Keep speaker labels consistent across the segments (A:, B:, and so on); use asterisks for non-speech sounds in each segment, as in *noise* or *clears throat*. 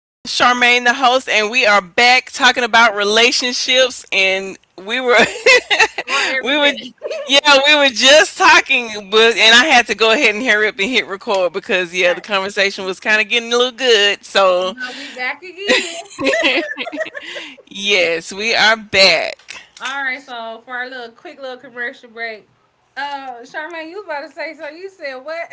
A: And Charmaine, the host, and we are back talking about relationships. And
B: On
A: *laughs* we were,
B: everything.
A: yeah, we were just talking, but and I had to go ahead and hurry up and hit record because yeah, the
B: Right.
A: conversation was kind of getting a little good. So
B: But we back again.
A: yes, we are back.
B: All right, so for our little quick little commercial break. Charmaine, you was about to say, so you said what?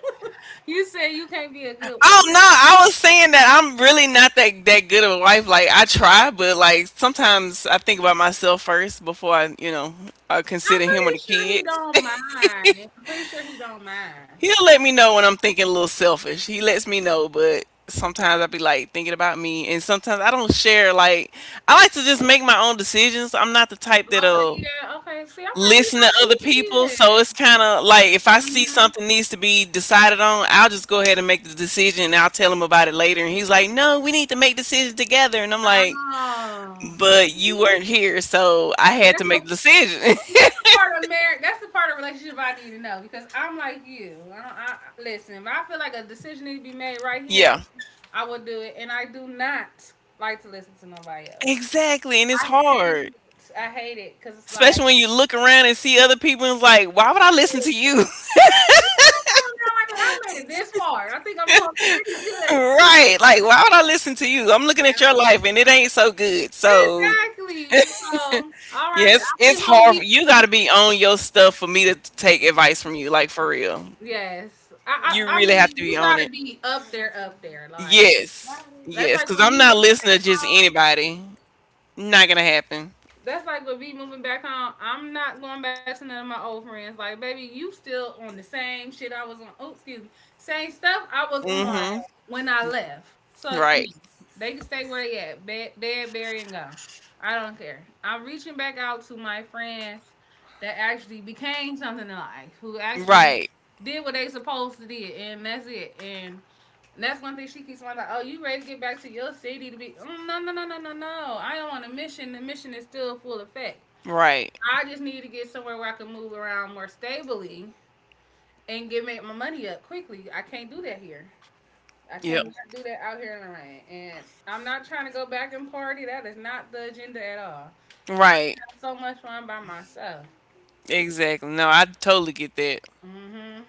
B: *laughs* You said you can't be a good...
A: Oh no, I was saying that I'm really not that good of a wife. Like I try, but like sometimes I think about myself first before I, I
B: I'm
A: consider him or the
B: pretty sure
A: kid.
B: he don't mind. I'm pretty sure he don't mind.
A: He'll let me know when I'm thinking a little selfish. He lets me know, but sometimes I'll be like thinking about me, and sometimes I don't share. Like I like to just make my own decisions. I'm not the type
B: Okay,
A: that'll
B: yeah, okay. See, I
A: listen to
B: might be
A: other
B: like you
A: people, so
B: then.
A: it's kind of like if I see
B: Mm-hmm.
A: something needs to be decided on, I'll just go ahead and make the decision, and I'll tell him about it later. And he's like, "No, we need to make decisions together," and I'm like,
B: Oh.
A: "But you
B: See?
A: weren't here, so I had to
B: That's
A: make
B: a
A: the decision."
B: That's the part of marriage. That's the part of relationship I need to know because I'm like you. I, don't- I- Listen, if I feel like a decision needs to be made right
A: *laughs*
B: here,
A: Yeah,
B: I will do it, and I do not like to listen to nobody else.
A: exactly, and it's
B: I hate
A: hard.
B: it. I hate it because it's like,
A: Especially when you look around and see other people and it's like, why would I listen
B: like,
A: to you? *laughs*
B: come on now, like look, I made it this far. I think I'm doing pretty good.
A: Right. Like, why would I listen to you? I'm looking
B: Yeah,
A: at your life and it ain't so good. So
B: exactly. So, all right,
A: yes,
B: I think
A: it's
B: I'm gonna
A: hard.
B: be the
A: You gotta be
B: future.
A: on your stuff for me to take advice from you, like for real.
B: Yes. So I,
A: You
B: I I
A: really
B: mean
A: have to be
B: you
A: on
B: gotta
A: it.
B: be up there, up there. Like... Right.
A: Yes. Yes. Cause I'm not listening to just anybody. Not gonna happen.
B: That's like with me moving back home. I'm not going back to none of my old friends. Like, baby, you still on the same shit I was on. Oh, excuse me, same stuff I was on
A: Mm-hmm.
B: when I left. So
A: Right.
B: they can stay where they at, bed, dead, bury, and go. I don't care. I'm reaching back out to my friends that actually became something in life, who actually
A: Right.
B: did what they supposed to do, and that's it. And that's one thing she keeps on like, oh, you ready to get back to your city to be? Mm, no, no, no, no, no, no. I am on a mission. The mission is still full effect.
A: Right.
B: I just need to get somewhere where I can move around more stably and get make my money up quickly. I can't do that here. I
A: Yep.
B: cannot do that out here in the rain. And I'm not trying to go back and party. That is not the agenda at all. I
A: Right.
B: have so much fun by myself.
A: Exactly. No, I totally get that.
B: Mm-hmm.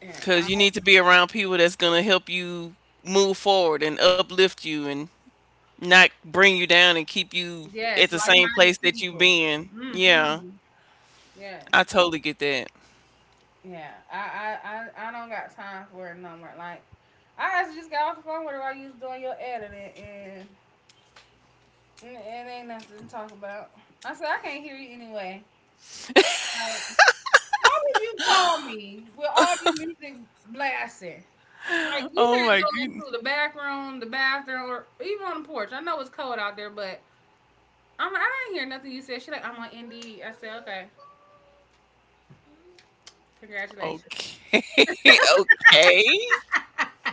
B: Yeah.
A: Because you need to be around people that's going to help you move forward and uplift you and not bring you down and keep you at
B: Yes,
A: the same place
B: like-minded
A: that you've
B: people.
A: been. Yeah,
B: Mm-hmm. Yes.
A: I totally get that.
B: Yeah, I don't got time for it no more. Like, I actually just got off the phone with her while you was doing your editing, and it ain't nothing to talk about. I said I can't hear you anyway. Like, why would you call me with all this music blasting? Like, you
A: Oh
B: can't
A: my
B: go
A: goodness.
B: into the back room, the bathroom, or even on the porch. I know it's cold out there, but I'm like, I not hear nothing you said. She like, I'm on Indeed. I said, okay, congratulations.
A: Okay. *laughs* Okay.
B: I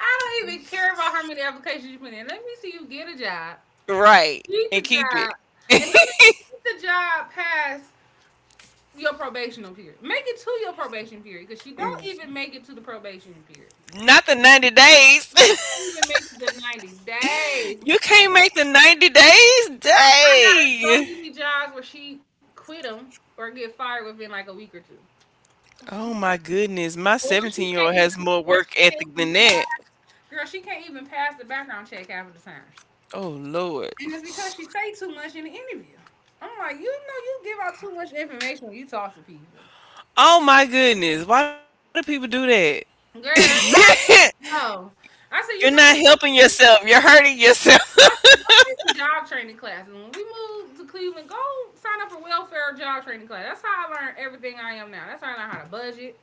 B: don't even care about how many applications you put in. Let me see you get a job.
A: Right.
B: Get the
A: And keep it.
B: job. And I mean, get the job past your probational period. Make it to your probation period because she don't even make it to the probation period.
A: Not the 90 days.
B: She can't even make it to 90
A: *laughs*
B: days.
A: You can't make the 90 days?
B: Girl, I got her so
A: Day.
B: many jobs where she quit them or get fired within like a week or two.
A: Oh my goodness. My
B: Or she
A: 17 year
B: can't
A: old has
B: even,
A: more
B: or
A: work
B: she can't
A: ethic
B: even
A: than that.
B: pass. Girl, she can't even pass the background check half of the time.
A: Oh Lord.
B: And it's because she say too much in the interview. I'm like, you know, you give out too much information when you talk to people.
A: Oh my goodness. Why do people do that?
B: Girl, I
A: *laughs*
B: don't know. I said,
A: You're
B: you
A: not helping
B: know,
A: yourself. You're hurting yourself.
B: I said, go take some job training classes. When we moved to Cleveland, go sign up for welfare job training class. That's how I learned everything I am now. That's how I learned how to budget.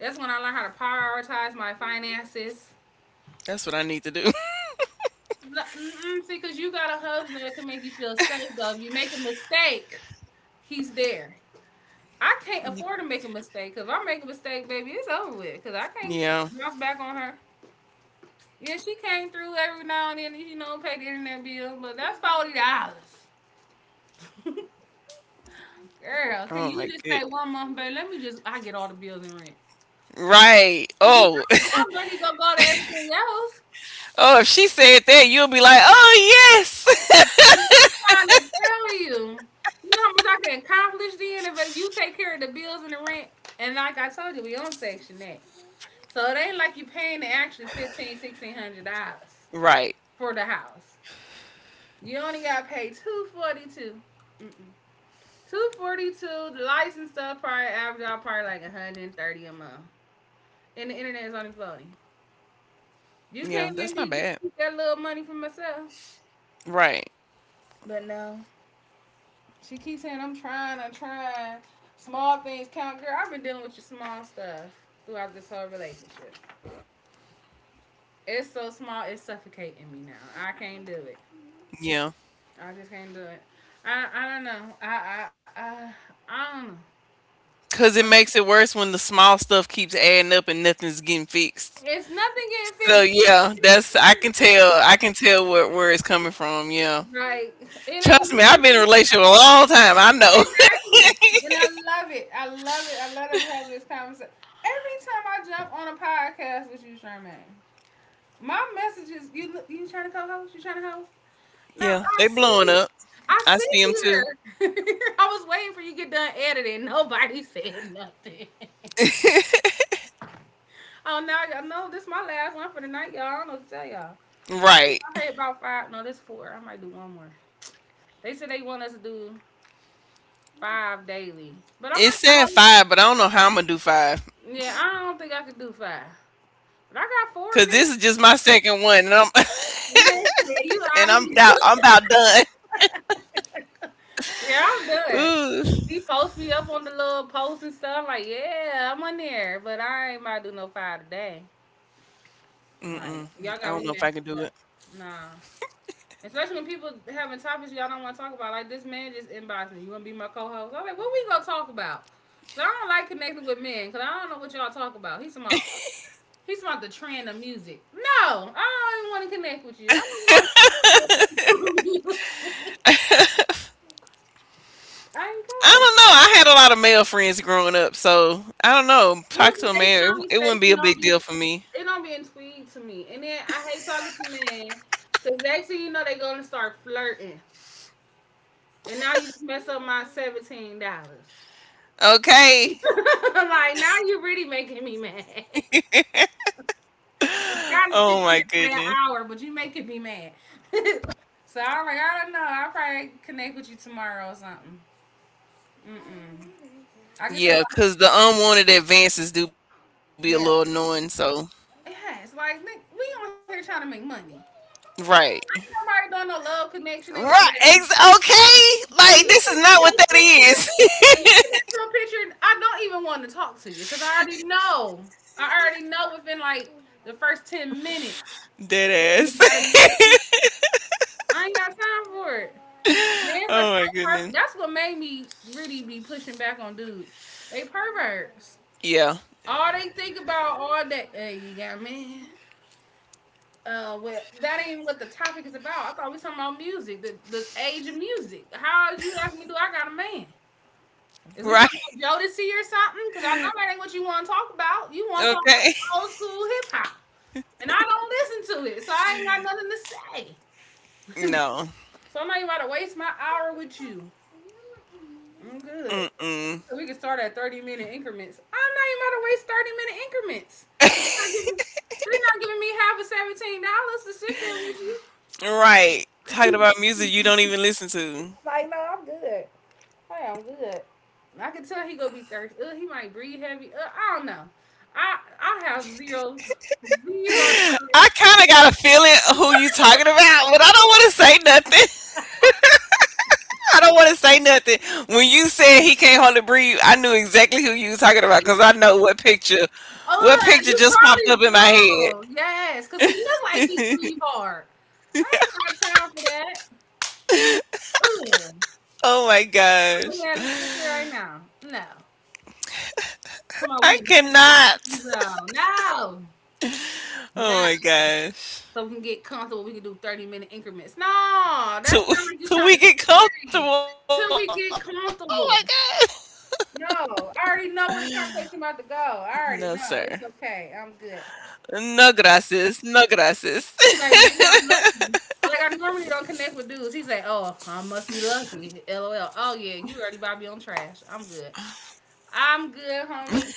B: That's when I learned how to prioritize my finances.
A: *laughs* That's what I need to do. *laughs*
B: N- mm, See, because you got a husband that can make you feel safe, though. If you make a mistake, he's there. I can't afford to make a mistake. Cause if I make a mistake, baby, it's over with. Cause I can't
A: Yeah.
B: bounce back on her. Yeah, she came through every now and then, pay the internet bill, but that's $40. *laughs* Girl, can
A: Oh
B: you
A: my
B: just say
A: good.
B: one month, baby? Let me just I get all the bills and rent.
A: Right.
B: Cause you
A: Oh.
B: know
A: *laughs*
B: my money gonna go to everything else.
A: Oh, if she said that, you'll be like, "Oh, yes."
B: You know, I'm trying to tell you. You know how much I can accomplish then if you take care of the bills and the rent. And like I told you, we on section that. So it ain't like you paying the actually $1,500, $1,600
A: *laughs* Right.
B: for the house. You only got paid 242. 242. The license stuff probably average out probably like 130 a month, and the internet is only floating.
A: Yeah, that's
B: You
A: not
B: can't
A: bad.
B: let me just keep that little money for myself.
A: Right.
B: But no, she keeps saying I'm trying, I'm trying. Small things count, girl. I've been dealing with your small stuff throughout this whole relationship. It's so small, it's suffocating me now. I can't do it.
A: Yeah.
B: I just can't do it. I don't know. I don't know.
A: Cuz
B: I'm
A: it makes it worse when the small stuff keeps adding up and nothing's getting fixed.
B: It's nothing
A: So
B: getting fixed. It ain't,
A: yeah,
B: it
A: that's
B: ain't
A: I
B: fixing
A: can tell. I can tell where it's coming from. Yeah.
B: nothing. Right. It ain't
A: Trust me, I've
B: going
A: been in a
B: no
A: relationship a long time. I know.
B: Exactly.
A: *laughs*
B: And I love it. I love it. I love that we have this conversation. Every time I jump on a podcast with you, Charmaine, my message is, you trying to co-host? You trying to host? Now
A: Yeah,
B: I
A: they
B: see
A: blowing
B: you.
A: up.
B: I
A: I
B: sit
A: see them too.
B: here. *laughs* I was waiting for you to get done editing. Nobody said nothing. *laughs* Oh, now y'all know this is my last one for the night, y'all. I don't know what to tell y'all.
A: Right.
B: I had about five. No, this four. I might do one more. They said they want us to do five daily, but I'm
A: It
B: not gonna
A: said
B: hold.
A: five, but I don't know how I'm gonna do five
B: Yeah, I don't think I could do five,
A: because this is
B: but I
A: just my
B: got four
A: second
B: in there.
A: one, and I'm *laughs* and I'm
B: Listen,
A: about
B: you
A: I'm
B: out
A: about
B: of here?
A: done.
B: *laughs*
A: *laughs*
B: Yeah, I'm done.
A: Ooh.
B: He posts me up on the little posts and stuff. Like, yeah, I'm on there, but I ain't about to do no five today.
A: Mm-mm. I
B: Like,
A: don't know
B: y'all
A: if I
B: got
A: can
B: me
A: do it.
B: messed up. Nah. Especially when people having topics y'all don't want to talk about. Like, this man just inboxed me. You want to be my co host? I'm like, what we going to talk about? So I don't like connecting with men because I don't know what y'all talk about. He's about the trend of music. No, I don't even want to connect with you. I don't want to talk about music. *laughs* I ain't
A: I
B: care.
A: don't know. I had a lot of male friends growing up, so I don't know.
B: Yeah,
A: Talk
B: but
A: to a
B: they
A: man, it wouldn't be
B: conversation
A: a
B: don't
A: big
B: be
A: deal for me.
B: it don't be intrigued to me. And then I hate talking to men because next thing you know they gonna start flirting, and now you just mess up my $17. *laughs*
A: Okay.
B: Like, now you're really making me mad. *laughs* I'm trying to stick
A: Oh
B: in
A: my
B: there for that
A: goodness.
B: hour, but you making me mad. *laughs* So I'm like, I don't know. I'll probably connect with you tomorrow or something. Mm-mm. I can tell.
A: Yeah, because the unwanted advances do be a little annoying.
B: Yeah,
A: So
B: it has. Like Nick, we on here trying to make money.
A: right.
B: Ain't nobody doing no love connection. Ain't none of
A: Right.
B: that. And
A: Okay. Like this
B: looking
A: is
B: at
A: not what
B: your
A: that
B: picture,
A: is.
B: and looking at your picture, I don't even want to talk to you because I already know. I already know within like the first 10 minutes.
A: *laughs* Dead
B: You
A: ass.
B: got a
A: *laughs*
B: man. I ain't got time for it. Mans are
A: Oh
B: so
A: my
B: perfect.
A: goodness.
B: That's what made me really be pushing back on dudes. They perverts.
A: Yeah.
B: All they think about all that. Hey, you got a man. Well, that ain't what the topic is about. I thought we were talking about music, the age of music. How did you ask me? Do I got a man? Is we
A: Right.
B: talking about Jodeci or something? Because I know that ain't what you want to talk about. You want to talk about
A: Okay.
B: some old school hip hop, and I don't listen to it, so I ain't got nothing to say. *laughs*
A: No.
B: So I'm not even about to waste my hour with you. I'm good.
A: Mm-mm.
B: So we can start at 30-minute increments. I'm not even about to waste 30-minute increments. They're not giving me half of $17 to sit there with you.
A: Right. Talking
B: *laughs*
A: about music you don't even listen to.
B: Like, no, I'm good. I am good. I can tell he gonna be thirsty. He might breathe heavy. I don't know. I have zero
A: I
B: tolerance.
A: kind of got a feeling who you talking about, but I don't want to say nothing. *laughs* I don't want to say nothing. When you said he can't hardly breathe, I knew exactly who you was talking about because I know what picture, what
B: Oh,
A: picture
B: you
A: just popped up
B: probably
A: in my head.
B: do. Yes, cause he look like he breathe hard. I ain't got time for that. Ugh.
A: Oh my
B: I'm looking
A: gosh.
B: at this picture right now. No. Talking about we
A: I
B: in the
A: cannot.
B: same zone. No. No.
A: Oh my gosh.
B: So we can get comfortable. We can do 30-minute increments. No, that
A: So,
B: sounds like
A: *laughs*
B: you're
A: so
B: trying
A: we
B: to
A: get
B: skip
A: comfortable.
B: game
A: Oh my
B: till we
A: god.
B: get
A: *laughs*
B: comfortable. No, I already know where the conversation about to go.
A: No,
B: I already
A: sir.
B: know. It's okay. I'm good.
A: No gracias. No gracias.
B: He's like, maybe I'm lucky. I normally don't connect with dudes. He's like, oh, I must be lucky. LOL. Oh yeah, you already bought me on trash. I'm good. I'm good, homie.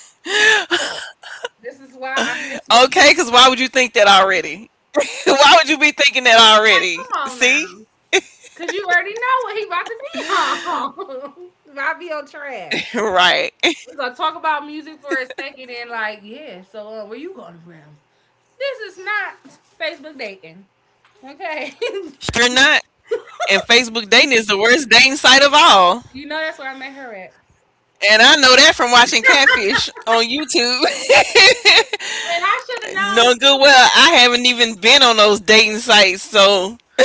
B: This is why I mess
A: *laughs*
B: with
A: Okay,
B: you.
A: because why would you think that already? *laughs* Why would you be thinking that
B: Like,
A: already?
B: come on
A: See?
B: now. Cause you already know what he about to be on. *laughs* About to be on trash.
A: *laughs* Right.
B: We're gonna talk about music for a second and like, yeah, so where you going from? This is not Facebook dating. Okay. *laughs*
A: You're not. And Facebook dating is the worst dating site of all.
B: You know that's where I met her at.
A: And I know that from watching Catfish on YouTube.
B: And I should
A: *laughs*
B: have
A: No
B: known
A: good,
B: too. Girl.
A: well, I haven't even been on those dating sites, so *laughs*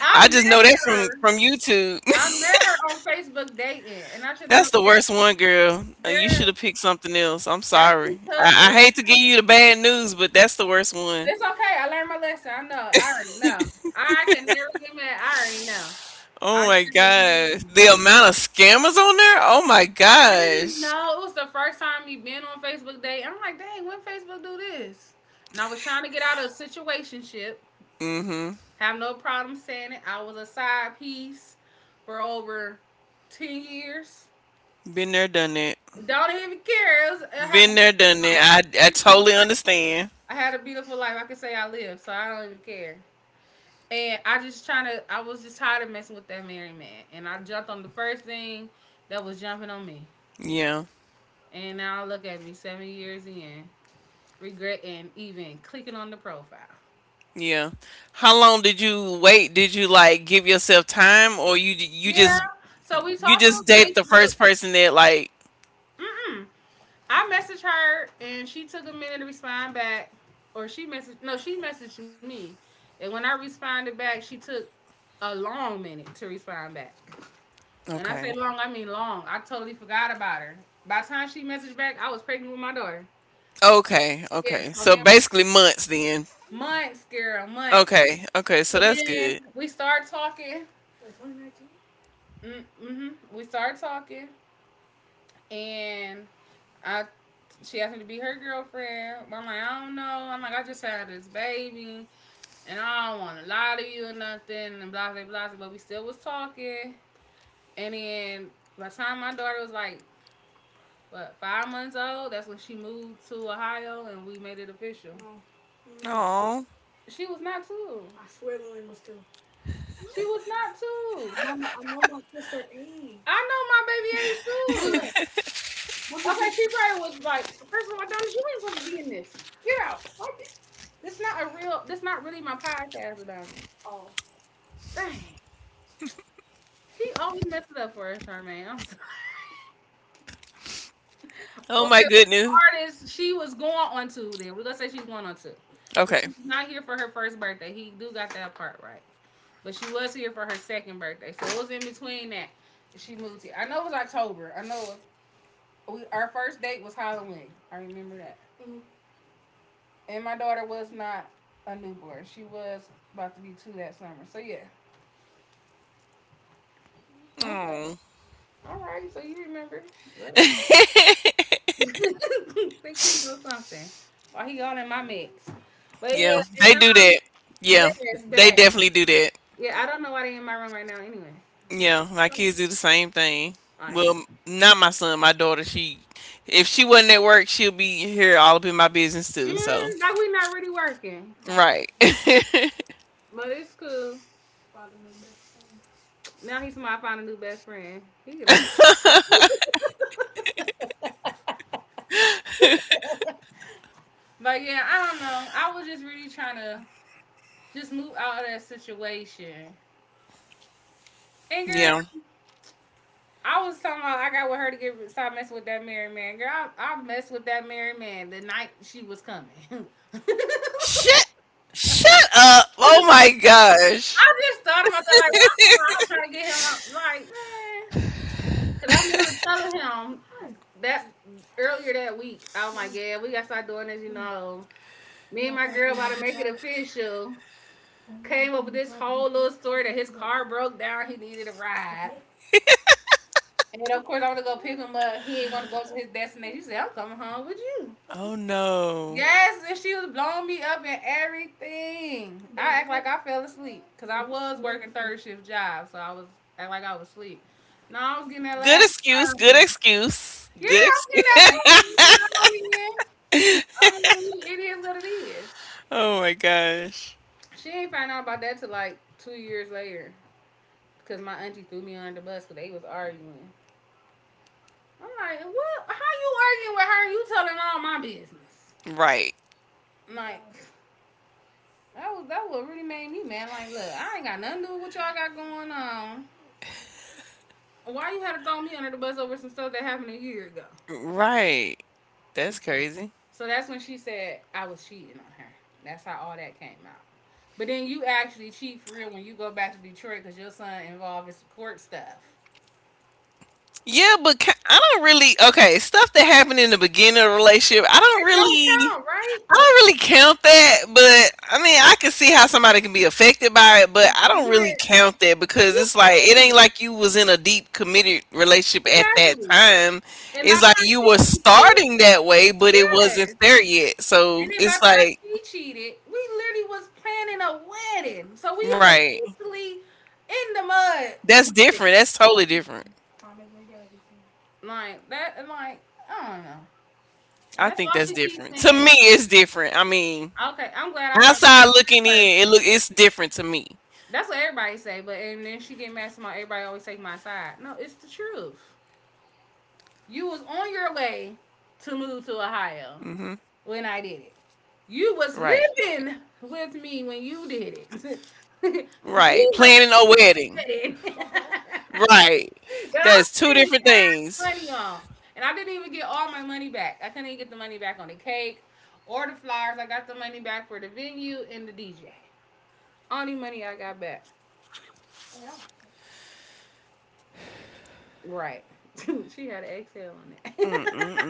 B: I
A: I just
B: met
A: know that from
B: her.
A: from YouTube.
B: I met her on Facebook dating, and I should have
A: That's
B: known.
A: the worst
B: Girl,
A: one, girl. You should
B: girl,
A: have picked something else. I'm
B: that's
A: sorry.
B: because I
A: I,
B: was
A: I hate to give
B: trying to.
A: you the bad news, but that's the worst one.
B: It's okay. I learned my lesson. I know. I already know. I can never get mad. I already know. I
A: Oh my
B: should have
A: gosh.
B: known.
A: The amount of scammers on there? Oh my
B: I didn't
A: gosh.
B: know. It was the first time me been on Facebook Day. I'm like, dang, when Facebook do this? And I was trying to get out of a situationship.
A: Mm-hmm.
B: Have no problem saying it. I was a side piece for over 10 years.
A: Been there, done that.
B: Don't even care. It was, I had a
A: Been there, done that. I
B: beautiful life.
A: totally understand.
B: I had a beautiful life. I can say I lived, so I don't even care. And I just trying to, I was just tired of messing with that married man. And I jumped on the first thing that was jumping on me.
A: Yeah.
B: And now look at me 7 years in, regretting even clicking on the profile.
A: Yeah. How long did you wait? Did you like give yourself time or you you
B: Yeah.
A: just
B: So we
A: you
B: talked on
A: just date the
B: Facebook.
A: first person that like
B: Mm-mm. I messaged her and she took a minute to respond back, or she messaged no, she messaged me, and when I responded back, she took a long minute to respond back. And I say
A: okay.
B: long, I mean long. I totally forgot about her. By the time she messaged back, I was pregnant with my daughter.
A: Okay,
B: Yeah.
A: okay. So basically months then.
B: Months, girl, months.
A: Okay, okay, so
B: So
A: that's
B: then
A: good.
B: we start talking. Mm-hmm. We start talking, and I she asked me to be her girlfriend. I'm like, I don't know. I'm like, I just had this baby, and I don't want to lie to you or nothing, and blah blah blah. But we still was talking, and then by the time my daughter was like, what, 5 months old, that's when she moved to Ohio, and we made it official.
A: Oh,
B: She was not two. Lillian, she was not two. I know my baby age two. Okay, she probably was like, first of all, Donna, you ain't supposed to be in this. Yeah. This not a real. This not really my podcast about it. Dang, he always messes it up for us, Charmaine. I'm sorry. *laughs*
A: oh my
B: Okay, well,
A: goodness.
B: artist she was going on two. Then we're gonna say she's going on two. But
A: Okay.
B: she's not here for her first birthday. He do got that part right. But she was here for her second birthday, so it was in between that she moved here. I know it was October. I know we our first date was Halloween. I remember that. And my daughter was not a newborn. She was about to be two that summer. So yeah. Okay.
A: Oh.
B: All right, so you remember. Whatever.
A: *laughs*
B: *laughs* Think he knows something. Why he all in my mix? But yeah,
A: Yeah, they
B: and
A: do
B: I'm
A: that. Yeah,
B: getting it's
A: they
B: back.
A: definitely do that.
B: Yeah, I don't know why they in my room right now anyway.
A: Yeah, my kids do the same thing.
B: Like,
A: Well, not my son, my daughter. If she wasn't at work, she'll be here all up in my business too. So,
B: like we not really working.
A: right.
B: But it's cool. Now he's my find a new best friend. He get on my- But yeah, I don't know. I was just really trying to just move out of that situation. And girl,
A: *laughs* Yeah.
B: I was talking about I got with her to get stop messing with that married man. Girl, I messed with that married man the night she was coming. *laughs* I
A: Shut, shut up. Oh my gosh.
B: just thought about that, like, why am I was trying to get him, like, man? Because I remember telling him that earlier that week, I was like, yeah, we got to start doing this, Me and my girl about to make it official. Came up with this whole little story that his car broke down, he needed a ride. And of course, I want to go pick him up. He ain't want to go to his destination. He said, I'm coming home with you.
A: Oh no.
B: Yes, and she was blowing me up and everything. I act like I fell asleep because I was working third shift job, so I was act like I was asleep. No, I was getting that
A: Good
B: last
A: excuse.
B: round
A: Good
B: in.
A: excuse.
B: Yeah,
A: Good
B: I was getting
A: excuse. *laughs*
B: that last round in. I mean, it is what it is.
A: Oh my gosh.
B: She ain't find out about that till like 2 years later because my auntie threw me under the bus because they was arguing. I'm like, what? How you arguing with her? You telling all my business?
A: Right.
B: I'm like. That was that what really made me mad. Like, look, I ain't got nothing to do with what y'all got going on. Why you had to throw me under the bus over some stuff that happened a year ago?
A: Right. That's crazy.
B: So that's when she said I was cheating on her. That's how all that came out. But then you actually cheat for real when you go back to Detroit because your son involved in some court stuff.
A: Yeah, but I don't really. Okay, stuff that happened in the beginning of the relationship, I don't
B: It don't
A: really.
B: count, right?
A: I
B: Oh,
A: don't really count that, but I mean, I can see how somebody can be affected by it, but I don't really
B: but
A: count that because
B: you
A: it's like it
B: came
A: ain't like you was in a deep committed relationship at that
B: exactly,
A: time.
B: and by
A: It's
B: the
A: like you were
B: time she cheated,
A: starting that way, but it wasn't
B: yes.
A: there yet.
B: And
A: So
B: then by the
A: it's
B: time
A: like,
B: she cheated, we literally was planning a wedding. So we is
A: right.
B: officially in the mud
A: That's
B: with this.
A: different. That's totally different.
B: Like that and like, I don't know. And
A: I
B: that's
A: think
B: why
A: that's
B: she keeps
A: different. To
B: saying.
A: me, it's different. I mean,
B: Okay, I'm glad I found the right
A: outside
B: kind of
A: looking in, it
B: person.
A: look it's different to me.
B: That's what everybody say, but and then she get mad about everybody always take my side. No, it's the truth. You was on your way to move to
A: Hmm.
B: Ohio when I did it. You
A: Right.
B: was living with me when you did it. *laughs* You
A: Right. Planning a
B: was
A: wedding.
B: wedding *laughs* that
A: Right. That's two
B: I'm
A: different
B: spending cash
A: things.
B: money on. And I didn't even get all my money back. I couldn't even get the money back on the cake or the flowers. I got the money back for the venue and the DJ. Only money I got back. Right. *laughs* She had an exhale on it. *laughs*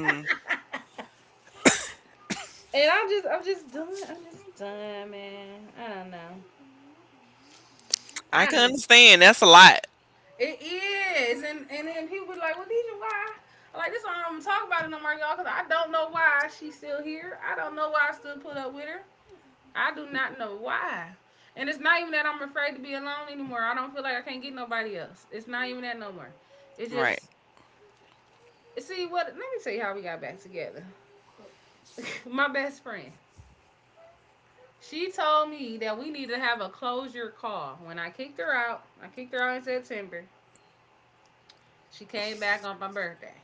B: And I'm just done. I'm just done, man. I don't know.
A: I
B: I
A: can
B: don't
A: understand. That's a lot.
B: It is, and then people be like, "Well, Deja, why?" I'm like, this is why I don't talk about it no more, y'all, because I don't know why she's still here. I don't know why I still put up with her. I do not know why. And it's not even that I'm afraid to be alone anymore. I don't feel like I can't get nobody else. It's not even that no more. It's
A: Right.
B: just see what. Let me tell you how we got back together. *laughs* My best friend. She told me that we need to have a closure call. When I kicked her out, I kicked her out in September. She came back on my birthday.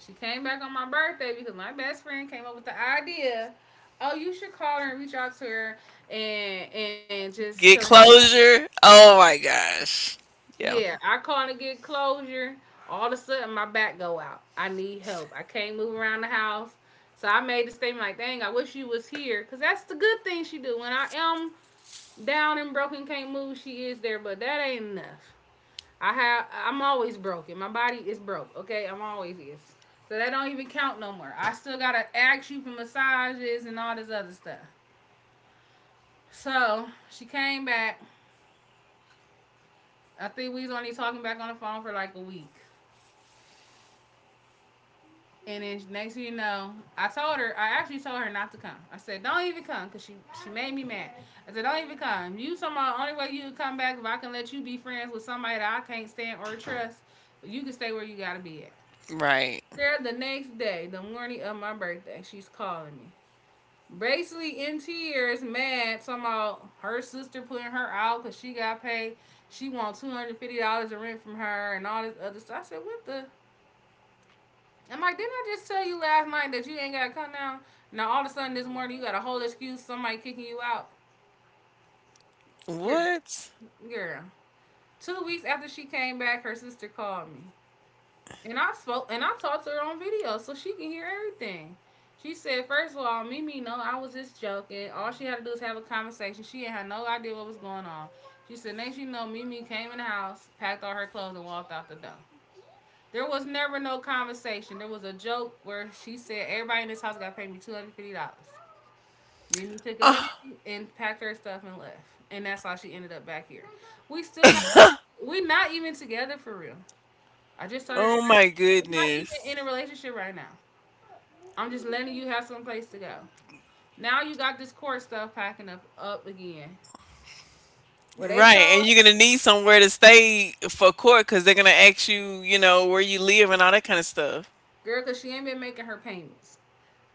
B: She came back on my birthday because my best friend came up with the idea. Oh, you should call her and reach out to her and just tell her
A: Get
B: how you feel.
A: closure. Oh my gosh. Yeah.
B: Yeah, I called to get closure. All of a sudden my back go out. I need help. I can't move around the house. So I made the statement like, dang, I wish you was here. Cause that's the good thing she do. When I am down and broken, can't move, she is there, but that ain't enough. I have. I'm always broken. My body is broke. Okay, I'm always is. So that don't even count no more. I still gotta ask you for massages and all this other stuff. So she came back. I think we was only talking back on the phone for like a week. And then next thing you know, I told her, I actually told her not to come. I said, don't even come because she made me mad. I said, don't even come. You somehow, only way you can come back if I can let you be friends with somebody that I can't stand or trust. You can stay where you got to be at.
A: Right.
B: Girl, the next day, the morning of my birthday, she's calling me. Basically in tears, mad, talking about her sister putting her out because she got paid. She wants $250 in rent from her and all this other stuff. I said, what the? I'm like, didn't I just tell you last night that you ain't got to come down? Now all of a sudden this morning you got a whole excuse, somebody kicking you out. Girl,
A: What?
B: girl. 2 weeks after she came back, her sister called me. And I spoke and I talked to her on video so she can hear everything. She said, first of all, Mimi, no, I was just joking. All she had to do is have a conversation. She had no idea what was going on. She said, next you know, Mimi came in the house, packed all her clothes, and walked out the door. There was never no conversation. There was a joke where she said, everybody in this house got to pay me $250. Mimi took a liberty and packed her stuff and left. And that's how she ended up back here. We still not, we not even together for real. I just told her,
A: Oh my
B: we're not even
A: goodness.
B: in a relationship right now. I'm just letting you have some place to go. Now you got this court stuff packing up again. Where they
A: Right,
B: told
A: and you're gonna need somewhere to stay for court because they're gonna ask you, where you live and all that kind of stuff.
B: girl because she ain't been making her payments.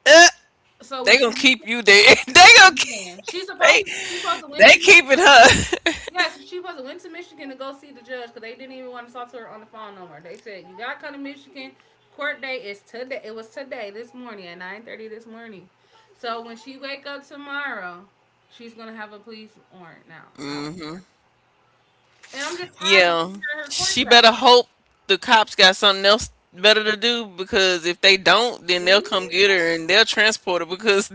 A: *laughs*
B: So when
A: They
B: she
A: gonna
B: went to,
A: keep you there. *laughs*
B: yeah, she's supposed
A: They
B: to she supposed to went to
A: they keeping
B: Michigan.
A: her.
B: Yeah, so she supposed to went to Michigan to go see the judge because they didn't even want to talk to her on the phone no more. They said you got to come to Michigan. Court day is today. It was today this morning at 9:30 this morning. So when she wake up tomorrow, she's gonna have a police warrant now.
A: *laughs*
B: I-
A: Hmm.
B: and I'm just tired of
A: Yeah,
B: seeing her in her court
A: she
B: stuff.
A: better hope the cops got something else better to do because if they don't, then
B: Like,
A: they'll
B: really?
A: come get her and they'll transport her because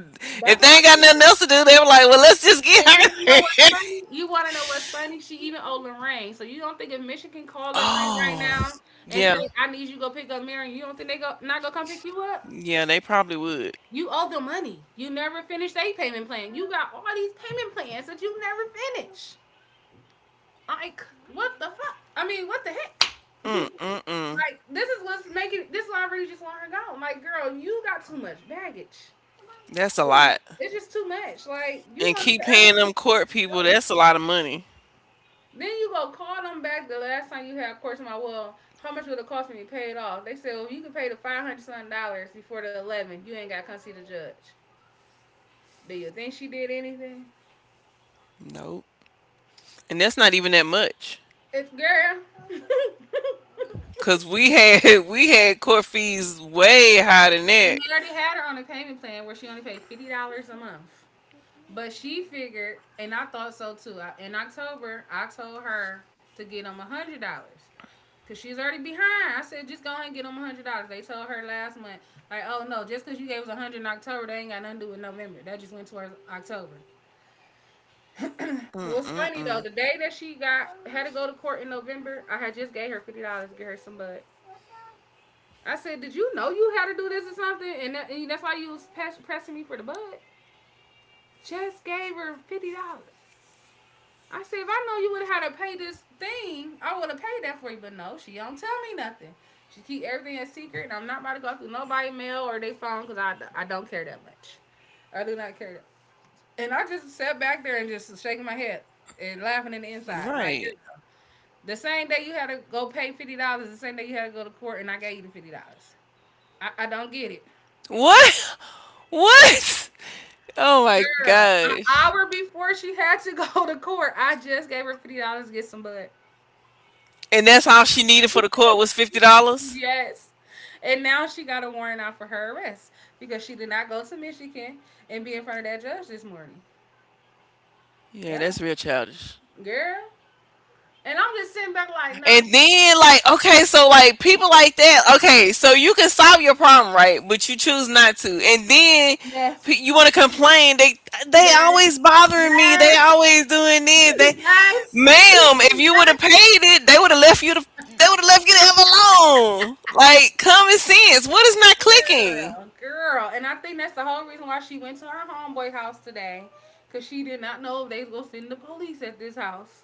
A: if
B: That's
A: they
B: what
A: ain't
B: I
A: got nothing
B: said.
A: else to do, they were like, well, let's just get
B: And you wanna know
A: her.
B: what's funny? You wanna know what's funny? She even owed Lorraine. So you don't think if Michigan
A: *laughs*
B: call Lorraine right
A: Oh,
B: now and
A: yeah,
B: say, I need you to go pick up Marion, you don't think they go not gonna come pick you up?
A: yeah, they probably would.
B: You owe them money. You never finished a payment plan. You got all these payment plans that you never finish. Like, what the fuck? I mean, what the heck? *laughs*
A: Mm mm mm.
B: Like, this is why I really just want her gone. Like, girl, you got too much baggage.
A: That's a lot.
B: It's just too much. Like, you
A: And
B: want to
A: keep
B: forever
A: paying
B: look
A: them
B: over
A: court
B: your
A: people.
B: shoulder.
A: That's a lot of money.
B: Then you go call them back the last time you had a course. My well, how much would it cost me to pay it off? They said, well, you can pay the 500 something dollars before the 11. You ain't got to come see the judge. Do you think she did anything?
A: Nope. And that's not even that much.
B: It's girl. *laughs*
A: Cause we had *laughs* we had court fees way higher than
B: And
A: that.
B: they already had her on a payment plan where she only paid $50 a month. But she figured, and I thought so too. In October, I told her to get them $100. Cause she's already behind. I said, just go ahead and get them $100. They told her last month, like, oh no, just cause you gave us $100 in October, that ain't got nothing to do with November. That just went towards October. *clears throat* What's
A: Mm-mm-mm.
B: funny though, the day that she got had to go to court in November, I had just gave her $50 to get her some bud. I said, did you know you had to do this or something? And, that, and that's why you was pressing me for the bud. Just gave her $50. I said, if I know you would have had to pay this thing, I would have paid that for you. But no, she don't tell me nothing. She keep everything a secret, and I'm not about to go through nobody mail or they phone because I don't care that much. I do not care that. And I just sat back there and just shaking my head and laughing in the
A: Right.
B: inside. Like, you're, the same day you had to go pay $50, the same day you had to go to court, and I gave you the $50. I don't get it.
A: What? *laughs* What? Oh my
B: Girl, an
A: gosh.
B: hour before she had to *laughs* go to court, I just gave her $50 to get some bud.
A: And that's all she needed for the court was $50?
B: Yes. And now she got a warrant out for her arrest because she did not go to Michigan and be in front of that judge this morning.
A: Yeah, that's real
B: Yeah,
A: childish.
B: girl. And I'm just sitting back
A: And
B: like, no,
A: then like, okay, so like people like that, okay, so you can solve your problem, right? But you choose not to. And then
B: yes.
A: you want to complain. They
B: Yes,
A: always bothering me. They
B: yes,
A: always doing
B: *laughs*
A: this. They
B: yes, *laughs*
A: Ma'am, if you would have paid
B: yes,
A: it, they would have left you to they would have left you to have alone. Like common sense. What is not clicking?
B: girl, girl. And I think that's the whole reason why she went to her homeboy house today because she did not know if they was going to send the police at this house.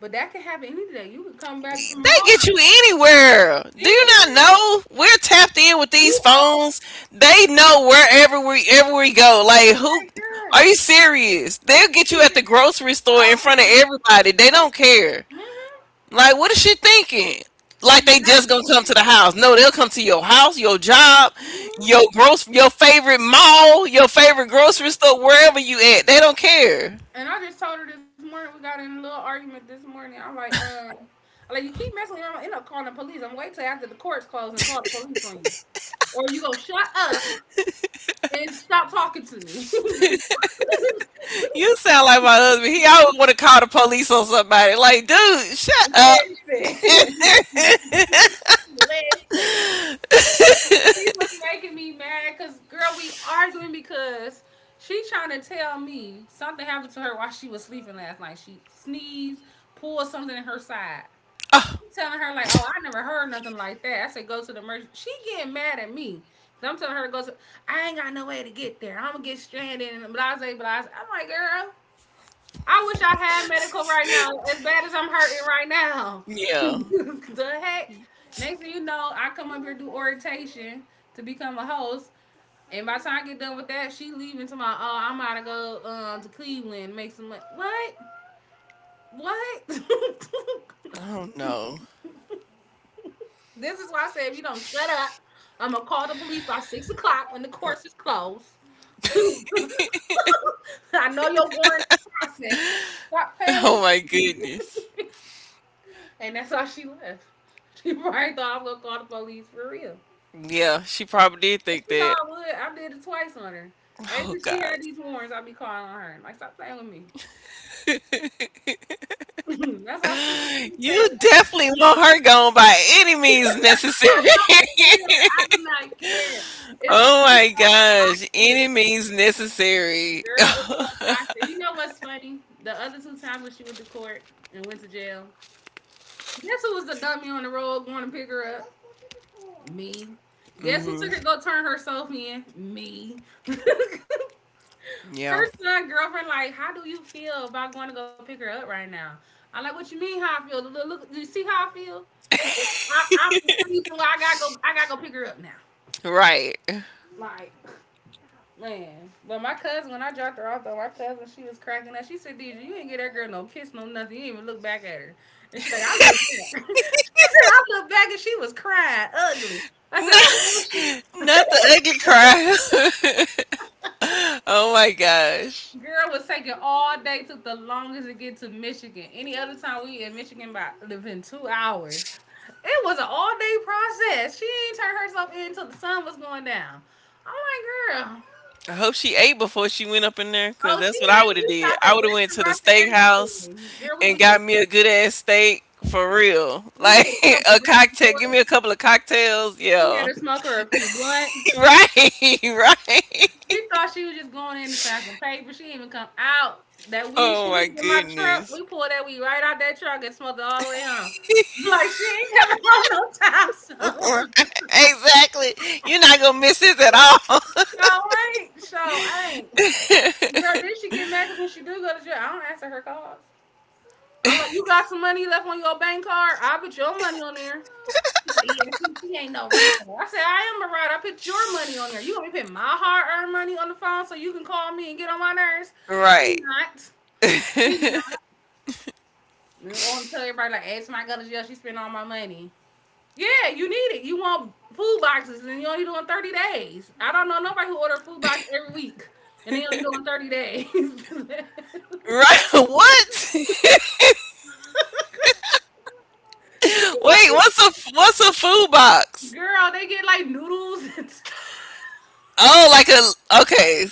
B: But that can happen any day. You could come back
A: They
B: tomorrow,
A: get you anywhere. Do you not
B: anywhere.
A: know? We're tapped in with these
B: You all
A: phones. They know wherever we ever we go. Like, who
B: right,
A: are
B: girl.
A: you serious?
B: That's
A: They'll
B: what she
A: get you
B: said.
A: at the grocery store in
B: Oh, I
A: front of
B: thought you were
A: everybody.
B: thinking.
A: They don't care.
B: Hmm.
A: Like, what is she thinking? Like
B: She's
A: they
B: not
A: just gonna come to
B: thinking.
A: the house? No, they'll come to your house, your job,
B: Hmm.
A: your gross, your favorite mall, your favorite grocery store, wherever you at. They don't care.
B: And I just told her this morning we got in a little argument this morning. Like you keep messing around, I end up calling the police. I'm wait till after the court's closed and call the police on you, or you go shut up and stop talking to me. *laughs*
A: You sound like my husband. He always want to call the police on somebody. Like, dude, shut up.
B: Listen,
A: *laughs*
B: *laughs* listen. She was making me mad because girl, we arguing because she trying to tell me something happened to her while she was sleeping last night. She sneezed, pulled something in her side.
A: Ah,
B: I'm telling her like, oh, I never heard nothing like that. I said go to the emergency. She getting mad at me. 'Cause I'm telling her to go to. I ain't got no way to get there. I'm gonna get stranded and blase blase. I'm like, girl, I wish I had medical right now, as bad as I'm hurting right now. *laughs*
A: yeah.
B: The heck? Next thing you know, I come up here do orientation to become a host. And by the time I get done with that, she leaving to my, oh, I'm about to go to Cleveland, make some money. What? What? *laughs*
A: I don't know.
B: This is why I say if you don't shut up, I'm going to call the police by 6 o'clock when the course is closed. *laughs* I know your warrant is processing.
A: *laughs* Oh
B: Stop
A: my
B: playing with
A: goodness.
B: me. *laughs* And that's how she left. *laughs* She probably thought I was gonna call the police for real.
A: Yeah, she probably did
B: If
A: think
B: you know
A: that.
B: I would, I did it twice on her. As
A: Oh
B: if she
A: God.
B: had these warrants, I'd be calling on her. Like, stop playing with me. *laughs* That's why I said she
A: You
B: couldn't say
A: definitely
B: it.
A: want her gone by any means
B: *laughs* I
A: necessary.
B: don't care.
A: *laughs*
B: I do not care.
A: Oh
B: It's
A: my
B: it's so
A: gosh, any
B: toxic,
A: means necessary. *laughs*
B: girl. It's so toxic. You know what's funny? The other two times when she went to court and went to jail, guess who was the dummy on the road going to pick her up? Me. Guess who
A: Mhm.
B: took her to go turn herself in? Me. *laughs* Her
A: Yeah.
B: son girlfriend like, how do you feel about going to go pick her up right now? I like, what you mean? How I feel? Look, look do you see how I feel? I, I'm the reason why I gotta go. I gotta go pick her up now.
A: Right. *laughs* Not
B: Man, but my cousin, when I dropped her off, though, my cousin, she was cracking up. She said, "DJ, you ain't get that girl no kiss, no nothing. You ain't even look back at her." And she like, "I look back." Said I looked back and she was crying ugly. I said, "Oh, where was she?"
A: the ugly cry. *laughs* Oh my gosh.
B: Girl was taking all day. Took the longest to get to Michigan. Any other time we in Michigan, by living 2 hours. It was an all day process. She ain't turned herself in until the sun was going down. I'm like, girl.
A: I hope she ate before she went up in there, cause
B: Oh, she
A: that's what I
B: ain't.
A: woulda
B: We
A: did.
B: stopped
A: I
B: at
A: woulda went to the
B: restaurants and
A: steakhouse
B: everything. Girl, we
A: and got
B: did.
A: me a good ass steak for real.
B: We
A: Like
B: did a
A: *laughs*
B: couple of
A: a
B: burger
A: cocktail give me
B: joints.
A: a couple of cocktails,
B: She had
A: yeah.
B: her smoker a few blunt.
A: *laughs* Right, *laughs* right.
B: She thought she was just going in to sign some paper. She didn't even come out. That weed
A: Oh
B: she
A: my
B: hid in my truck, we
A: goodness.
B: pulled that weed right out that truck and smoked it all the way home. I'm like she ain't coming *laughs* home no
A: Right.
B: time
A: *laughs*
B: soon. *laughs*
A: Exactly. You're not gonna miss this at all.
B: Show ain't, show ain't. And girl, then she get mad 'cause when she do go to jail, I don't answer her calls. I'm like, you got some money left on your bank card? I put your money on there. She like, yeah, see, she ain't no rider. I said, I am a rider. I put your money on there. You want me to put my hard earned money on the phone so you can call me and get on my nerves?
A: *laughs* Right.
B: Not.
A: *laughs*
B: Nigga, I want to tell everybody like, ask my girl to jail. She spent all my money. Yeah, you need it. You want food boxes, and you only doing 30 days. I don't know nobody who order food box every week, and they only doing 30 days. *laughs*
A: Right. *laughs*
B: *laughs*
A: What? *laughs* Wait, what's a food box?
B: Girl, they get like noodles and stuff.
A: Oh, like a okay,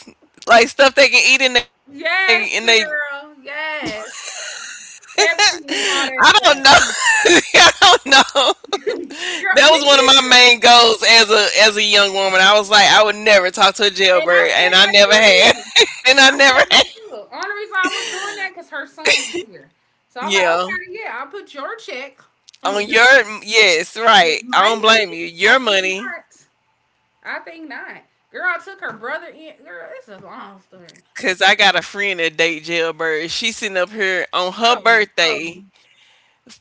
A: like stuff they can eat in they.
B: Yes, girl. Yes, Pepsi and
A: I
B: all
A: don't
B: that stuff.
A: know. *laughs* I don't know. That
B: *laughs*
A: was
B: Girl,
A: one of
B: me
A: my main
B: either.
A: goals as a young woman. I was like, I would never talk to a jailbird,
B: And I
A: and I
B: said
A: never
B: that
A: had,
B: too.
A: *laughs* and I never
B: I
A: had.
B: said that too. Only reason I was doing that because her son was here. So I'm like,
A: Yeah.
B: okay, yeah, I'll put your check on
A: On
B: your.
A: your yes, right.
B: But my
A: I don't blame
B: money?
A: you.
B: I
A: Your
B: think
A: money.
B: not. I think not. Girl, I took her brother in. Girl, it's a long story.
A: Cause I got a friend that date jailbird. She sitting up here on her
B: Oh,
A: birthday
B: no.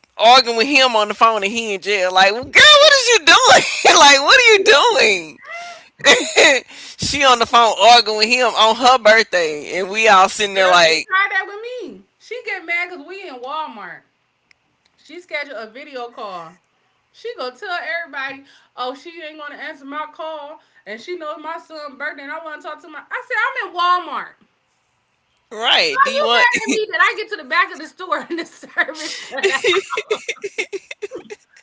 A: arguing with him on the phone, and he in jail. Like, girl, what is you doing? *laughs* Like, what are you doing? *laughs* She on the phone arguing with him on her birthday, and we all sitting there
B: Girl, she
A: like,
B: tried that with me. She get mad because we in Walmart. She scheduled a video call. She gonna tell everybody, oh, she ain't gonna answer my call, and she knows my son's birthday, and I wanna talk to my. I said, I'm in Walmart. So
A: right? Do
B: you
A: you want
B: mad at me that I get to the back of the store *laughs* and the service cut out?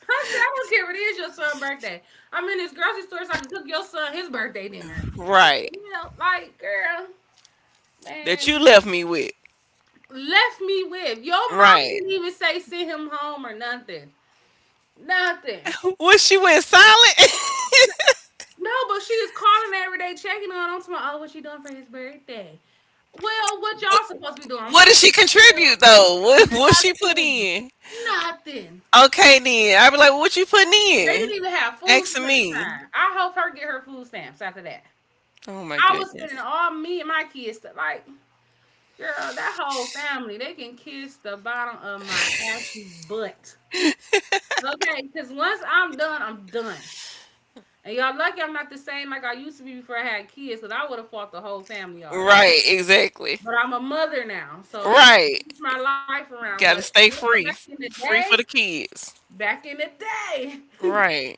B: I said, I don't care if it is your son's birthday. I'm in this grocery store so I can cook your son his birthday dinner.
A: *laughs* right
B: Like, girl,
A: that you
B: man,
A: left me with?
B: left me with. Your mom
A: Right?
B: didn't even say send him home or nothing. Nothing.
A: Was she went silent?
B: No, but she is calling every day, checking on him. Tomorrow, oh, what you doing for his birthday? Well, what y'all supposed to be
A: *laughs*
B: doing? I'm
A: What did she
B: cooking for
A: contribute though?
B: him.
A: What she put
B: Nothing.
A: in?
B: Nothing.
A: Okay then. I'd be like, well, "What you putting
B: They
A: in?"
B: didn't even have food
A: Asking
B: stamps at the
A: me.
B: time. I hope her get her food stamps after that.
A: Oh my
B: I was spending
A: goodness.
B: all me and my kids to, like, girl, that whole family, they can kiss the bottom of my ashy butt. Okay, because once I'm done, I'm done. And y'all lucky I'm not the same like I used to be before I had kids, because I would have fought the whole family already.
A: Right, exactly.
B: But I'm a mother now, so I
A: Right.
B: changed my life around. But
A: Gotta
B: girl,
A: stay
B: back
A: free.
B: in the
A: Free
B: day,
A: for the kids.
B: back in the day, *laughs*
A: Right.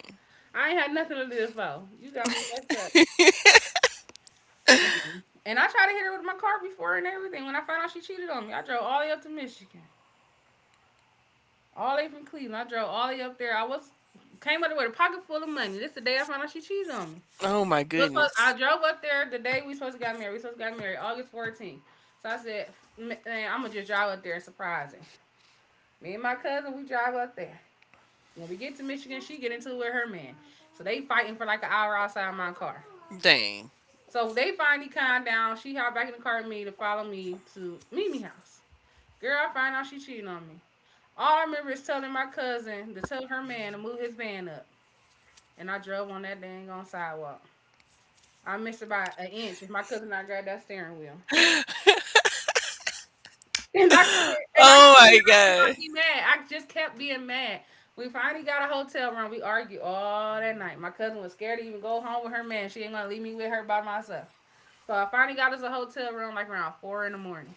B: I ain't had nothing to live for. You got me messed up. Man. And I tried to hit her with my car before and everything. When I found out she cheated on me, I drove all the way up to Michigan, all the way from Cleveland. I drove all the way up there. I was came up there with a pocket full of money. This is the day I found out she cheated on me.
A: Oh my
B: It was supposed,
A: goodness.
B: I drove up there the day we supposed to got married. We supposed to got married August 14th. So I said, man, I'm gonna just drive up there and surprise her. Me and my cousin, we drive up there. When we get to Michigan, she get into it with her man. So they fighting for like an hour outside my car.
A: Dang.
B: So they finally calmed down. She hopped back in the car with me to follow me to Mimi house. Girl, I find out she cheating on me. All I remember is telling my cousin to tell her man to move his van up, and I drove on that dang on sidewalk. I missed about an inch if my cousin not grabbed that steering wheel. *laughs* And I could and I
A: Oh
B: could
A: my
B: not, not
A: god.
B: be mad. I just kept being mad. We finally got a hotel room. We argued all that night. My cousin was scared to even go home with her man. She ain't gonna leave me with her by myself. So I finally got us a hotel room like around four in the morning.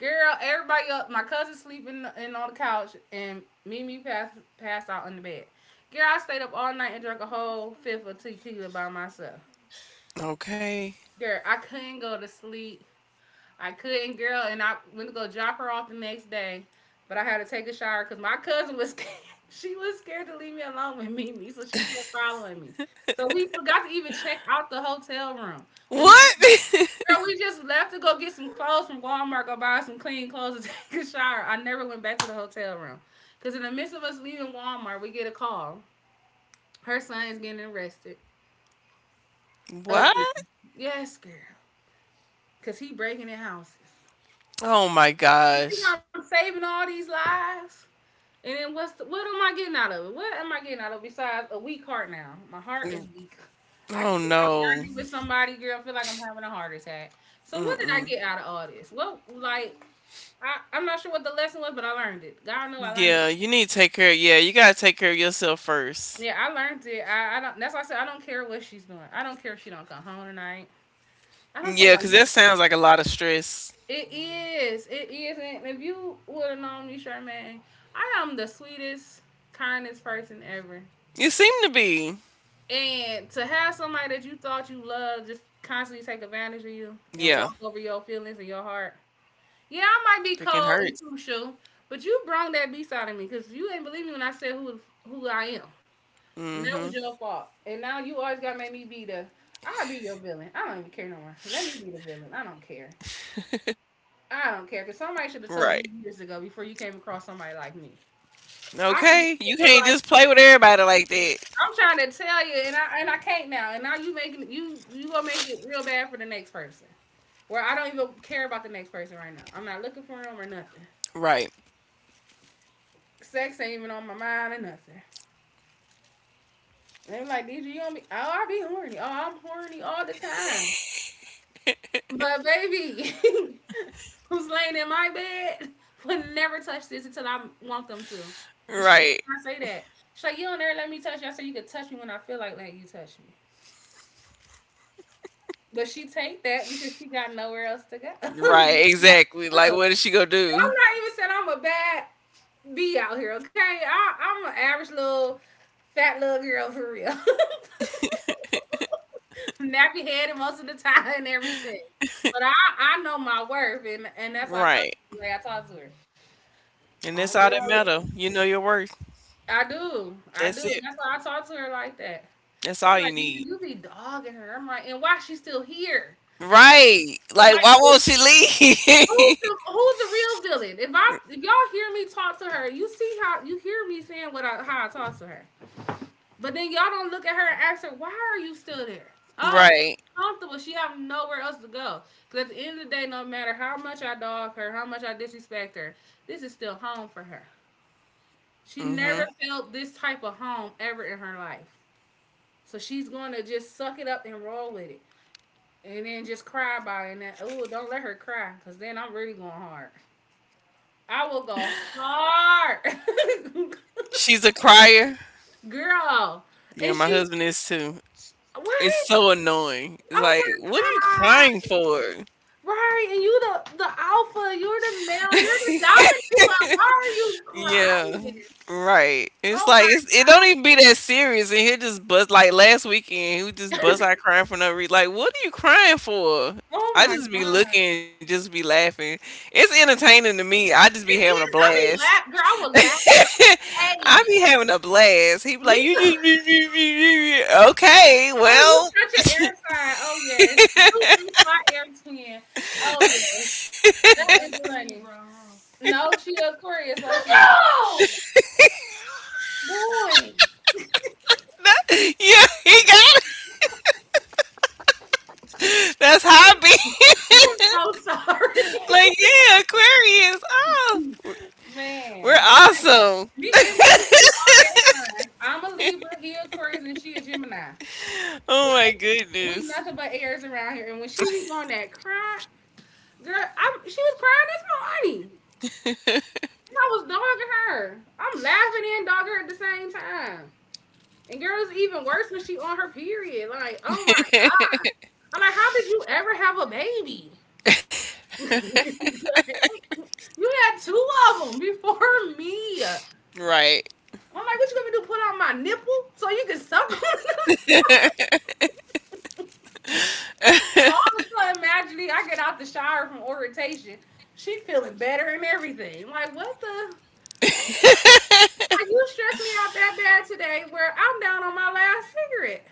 B: Girl, everybody up. My cousin sleeping in on the couch, and Mimi passed out in the bed. Girl, I stayed up all night and drank a whole fifth of tequila by myself.
A: Okay.
B: Girl, I couldn't go to sleep. I couldn't, girl, and I went to go drop her off the next day, but I had to take a shower because my cousin was scared. *laughs* She was scared to leave me alone with Mimi, so she kept following me. So we forgot to even check out the hotel room. We just Girl,
A: What?
B: we just left to go get some clothes from Walmart, go buy some clean clothes to *laughs* take a shower. I never went back to the hotel room. Because in the midst of us leaving Walmart, we get a call. Her son is getting arrested.
A: *laughs* What?
B: Again. Yes, girl. Because he breaking in houses.
A: Oh my
B: You see how
A: gosh.
B: I'm saving all these lives? And then what am I getting out of it? What am I getting out of it besides a weak heart now? My heart is
A: Mm,
B: weak. I can
A: oh
B: if I
A: no.
B: argue with somebody, girl, I feel like I'm having a heart attack. So what did I
A: Mm-mm.
B: get out of all this? What, like, I'm not sure what the lesson was, but I learned it. God know I learned it.
A: Yeah, you need to take care. Yeah, you gotta take care of yourself first.
B: Yeah, I learned it. I don't. That's why I said I don't care what she's doing. I don't care if she don't come home tonight. I don't care
A: Yeah,
B: about
A: because
B: none of
A: that
B: it.
A: sounds like a lot of stress.
B: It is. It is. And if you would have known me, Charmaine, I am the sweetest, kindest person ever.
A: You seem to be.
B: And to have somebody that you thought you loved just constantly take advantage of you and
A: Yeah,
B: walk over your feelings and your heart. Yeah,
A: freaking
B: I might be
A: hurts.
B: cold and crucial, but you brung that beast out of me because you ain't believe me when I said who I am. And that
A: Mm
B: was
A: hmm.
B: your fault. And now you always gotta make me be the. I'll be your villain. I don't even care no more. Let me be the villain. I don't care. I don't care because
A: Right.
B: somebody should have told you years ago before you came across somebody like me. I can
A: Okay.
B: see
A: You
B: your
A: can't
B: life
A: just
B: from
A: play
B: the
A: with
B: back.
A: everybody like that.
B: I'm trying to tell you, and I can't now. And now you making you you gonna make it real bad for the next person. Where I don't even care about the next person right now. I'm not looking for them or nothing.
A: Right.
B: Sex ain't even on my mind or nothing. And they be like, "Did you on me? Oh, I be horny. Oh, I'm horny all the time. But baby, *laughs* who's laying in my bed *laughs* will never touch this until I want them to. And she
A: Right.
B: can't say that. She's like, you don't ever let me touch you. I said, you could touch me when I feel like letting you touch me. But she take that because she got nowhere else to go. *laughs* You
A: Right.
B: know,
A: Exactly. Like,
B: look,
A: what is she gonna
B: and I'm
A: do?
B: not even saying I'm a bad bee out here, okay? I, I'm an average little fat little girl for real. *laughs* Nappy headed most of the time and everything. But I know my worth, and that's why I talk to
A: Right.
B: her the way I talk to her.
A: And
B: My
A: that's all
B: girl,
A: that
B: yeah.
A: matter. You know your worth.
B: I do,
A: That's
B: and
A: it.
B: that's why I talk to her like that.
A: That's all
B: They're
A: you
B: like,
A: need.
B: you be dogging her. I'm like, and why she still here?
A: Right.
B: I'm
A: Like,
B: like,
A: why won't she leave?
B: who's the real villain? If I if y'all hear me talk to her, you see how you hear me saying what I, how I talk to her, but then y'all don't look at her and ask her why are you still there? Oh, okay,
A: *laughs* Right.
B: comfortable. She have nowhere else to go. Cause at the end of the day, no matter how much I dog her, how much I disrespect her, this is still home for her. She
A: Mm
B: never
A: hmm.
B: felt this type of home ever in her life. So she's going to just suck it up and roll with it. And then just cry about it. And then, oh, don't let her cry because then I'm really going hard. I will go hard. *laughs*
A: She's a crier.
B: Girl. And
A: Yeah, my husband is too.
B: she- what?
A: It's so annoying. It's
B: Oh
A: like,
B: my
A: what are you crying
B: God.
A: for?
B: Right. And you the alpha. You're the male. You're the dominant one. Why are you
A: Yeah,
B: crying?
A: right. It's
B: Oh
A: like
B: my
A: it don't even be that serious, and he'll just bust like last weekend. He would just bust
B: God.
A: out crying for no reason. Like, what are you crying for?
B: *laughs* Oh
A: I
B: my
A: just be
B: God.
A: looking and just be laughing. It's entertaining to me. I just be having a
B: It is. I be
A: blast.
B: laugh, girl. I
A: *laughs*
B: will laugh in her
A: I be
B: face.
A: having a blast. He be like,
B: Me
A: you just
B: too. *laughs*
A: be- okay.
B: Oh, you
A: Well,
B: such an air sign. Oh yes, you is my air twin. Oh yes, that is funny. No, she Aquarius like that. No! Boy,
A: *laughs* yeah, he got it. That's how
B: I'm so
A: *laughs* like,
B: sorry.
A: yeah, Aquarius. Oh,
B: *laughs*
A: we're
B: Man.
A: awesome.
B: Me and my people, we all air signs. I'm a Libra, he a Aquarius, and she a Gemini.
A: Oh my
B: Like we
A: goodness.
B: nothing but airs around here. And when she be going that cry, girl, I, she was crying this morning. And I was dogging her. I'm laughing and dogging her at the same time. And girl, it's even worse when she on her period. Like, oh my,
A: *laughs*
B: I'm like, how did you ever have a baby? *laughs* You had two of them before me. I'm
A: Right.
B: like, what you gonna do? Put on my nipple so you can suck on them? *laughs* All of a sudden, magically, I get out the shower from orientation. She feeling better and everything. I'm like, what the? Like, you stressed me out that bad today where I'm down on my last cigarette.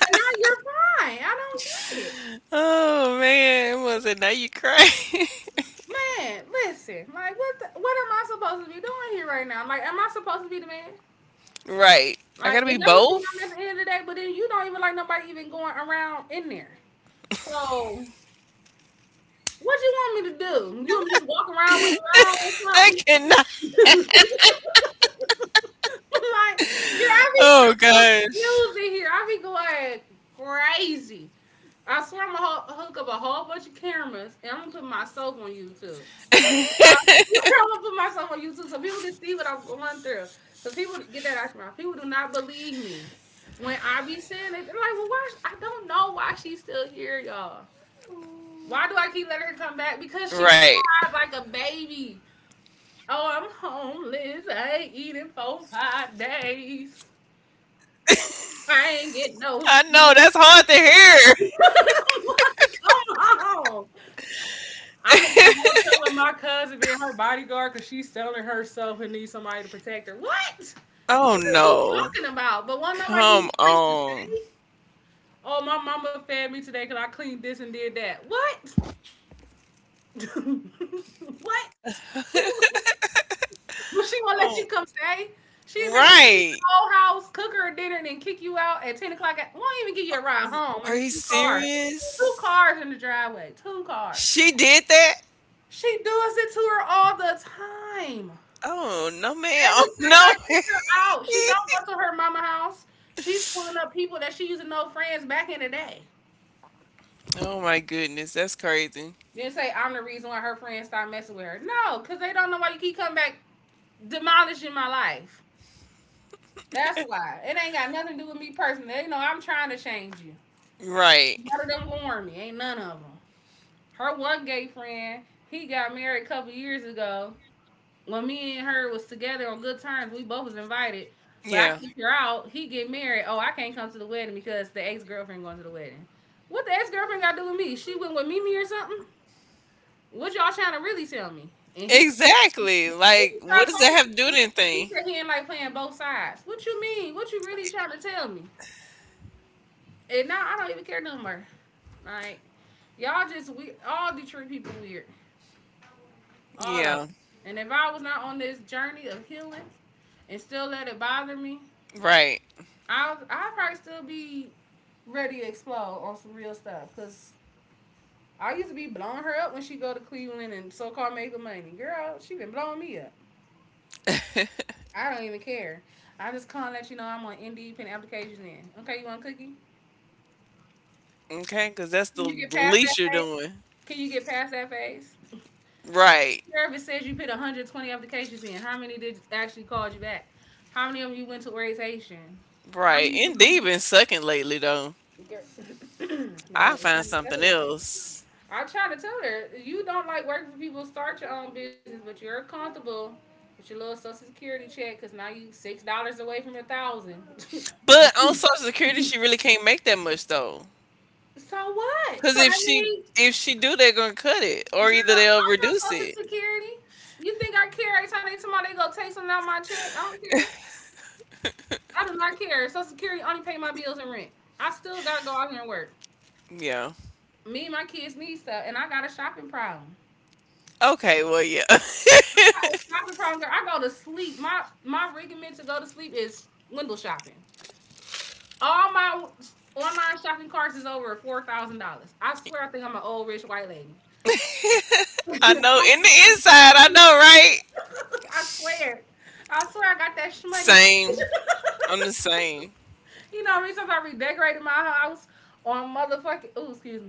B: But now you're fine. I don't get it.
A: Oh man, was it now you cry? *laughs*
B: Man, listen. Like, what the, what am I supposed to be doing here right now? Like, am I supposed to be the man?
A: Right. I
B: Like,
A: gotta be
B: is that what you want
A: both?
B: at the end of the day? But then you don't even like nobody even going around in there. So, what you want me to do? You want me to just walk around with a around
A: I
B: or
A: cannot.
B: something? *laughs* like, girl, I be so
A: Oh gosh.
B: confused in here. I be going crazy. I swear I'm gonna hook up a whole bunch of cameras and I'm gonna put myself on YouTube. *laughs* I'm gonna put myself on YouTube so people can see what I'm going through. Cause people get that out your mouth. People do not believe me when I be saying it. They're like, "Well, why?" I don't know why she's still here, y'all. Why do I keep letting her
A: Right.
B: come back? Because she cried like a baby. Oh, I'm homeless. I ain't eating for 5 days. I ain't getting
A: I
B: no
A: know that's
B: sleep.
A: hard to hear.
B: *laughs* Come on. I'm at the hotel with my cousin being her bodyguard because she's selling herself and needs somebody to protect her. What? What are
A: Oh
B: you talking
A: no.
B: about? But won't nobody give you a place
A: Come
B: to stay?
A: on.
B: Oh, my mama fed me today because I cleaned this and did that. What? *laughs* what? *laughs* but she won't let you
A: Oh,
B: come stay. She'll make you clean the
A: right.
B: whole house, cook her dinner, and then kick you out at 10 o'clock. At, won't even give you a ride home.
A: Are
B: And it's
A: you
B: two cars. Two
A: serious?
B: cars in the driveway. Two cars.
A: She did that?
B: She does it to her all the time.
A: Oh, no ma'am.
B: Every
A: *laughs*
B: time
A: No.
B: I pick
A: *laughs*
B: her out, she don't go to her mama house. She's pulling up people that she used to know friends back in the day.
A: Oh my goodness, that's crazy.
B: Then say I'm the reason why her friends stopped messing with her. No, cause they don't know why you keep coming back demolishing my life. That's why. It ain't got nothing to do with me personally. They know I'm trying to change you.
A: Right.
B: None of them warn me. Ain't none of them. Her one gay friend, he got married a couple years ago. When me and her was together on good terms, we both was invited. But I
A: Yeah.
B: kicked her out. He get married. Oh, I can't come to the wedding because the ex girlfriend going to the wedding. What the ex girlfriend got to do with me? She went with Mimi or something? What y'all trying to really tell me? And he
A: Exactly.
B: just
A: Like, what
B: started
A: does that
B: talking.
A: have to do
B: To
A: with
B: me. He
A: anything?
B: said he ain't like playing both sides. What you mean? What you really trying to tell me? And now I don't even care no more. Like y'all just we all Detroit people weird, all of
A: Yeah.
B: them. And if I was not on this journey of healing and still let it bother me,
A: Right.
B: I probably still be ready to explode on some real stuff because I used to be blowing her up when she go to Cleveland and so called making money. Girl, she been blowing me up. I don't even care. I just can't let you know I'm on Indeed putting applications in. Okay, you want a cookie?
A: Okay. Because that's the
B: Can you get
A: the
B: past that
A: least you're
B: phase?
A: doing.
B: Can you get past that phase?
A: Right.
B: Service says you put 120 applications in. How many did actually called you back? How many of them you went to orientation? How
A: Right.
B: many of
A: Indeed,
B: them?
A: been sucking lately though.
B: Girl, *coughs* *clears throat* man,
A: I
B: I'm
A: find
B: trying to tell
A: something
B: her.
A: else.
B: I try to tell her, you don't like working for people, start your own business, but you're comfortable with your little social security check because now you $6 away from 1,000. *laughs*
A: But on Social Security, she really can't make that much though.
B: so what?
A: Because
B: So
A: if
B: that
A: she if
B: means,
A: she do, they're gonna cut it, or either
B: girl,
A: they'll
B: I'm on
A: reduce
B: social
A: it.
B: security. You think I care every time they somebody go take something out of my check? I don't care. I do not care. Social security only pay my bills and rent. I still gotta go out here and work.
A: Yeah.
B: Me and my kids need stuff, and I got a shopping problem.
A: Okay. Well, yeah. *laughs*
B: I got a shopping problem, girl. I go to sleep. My regiment to go to sleep is window shopping. All my online shopping carts is over $4,000. I swear, I think I'm an old rich white lady. *laughs*
A: I know. In the inside, I know, right?
B: I swear, I swear, I got that shmoney.
A: Same.
B: *laughs*
A: I'm the same.
B: you know what I mean? Since I redecorated my house on motherfucking. Ooh, excuse me.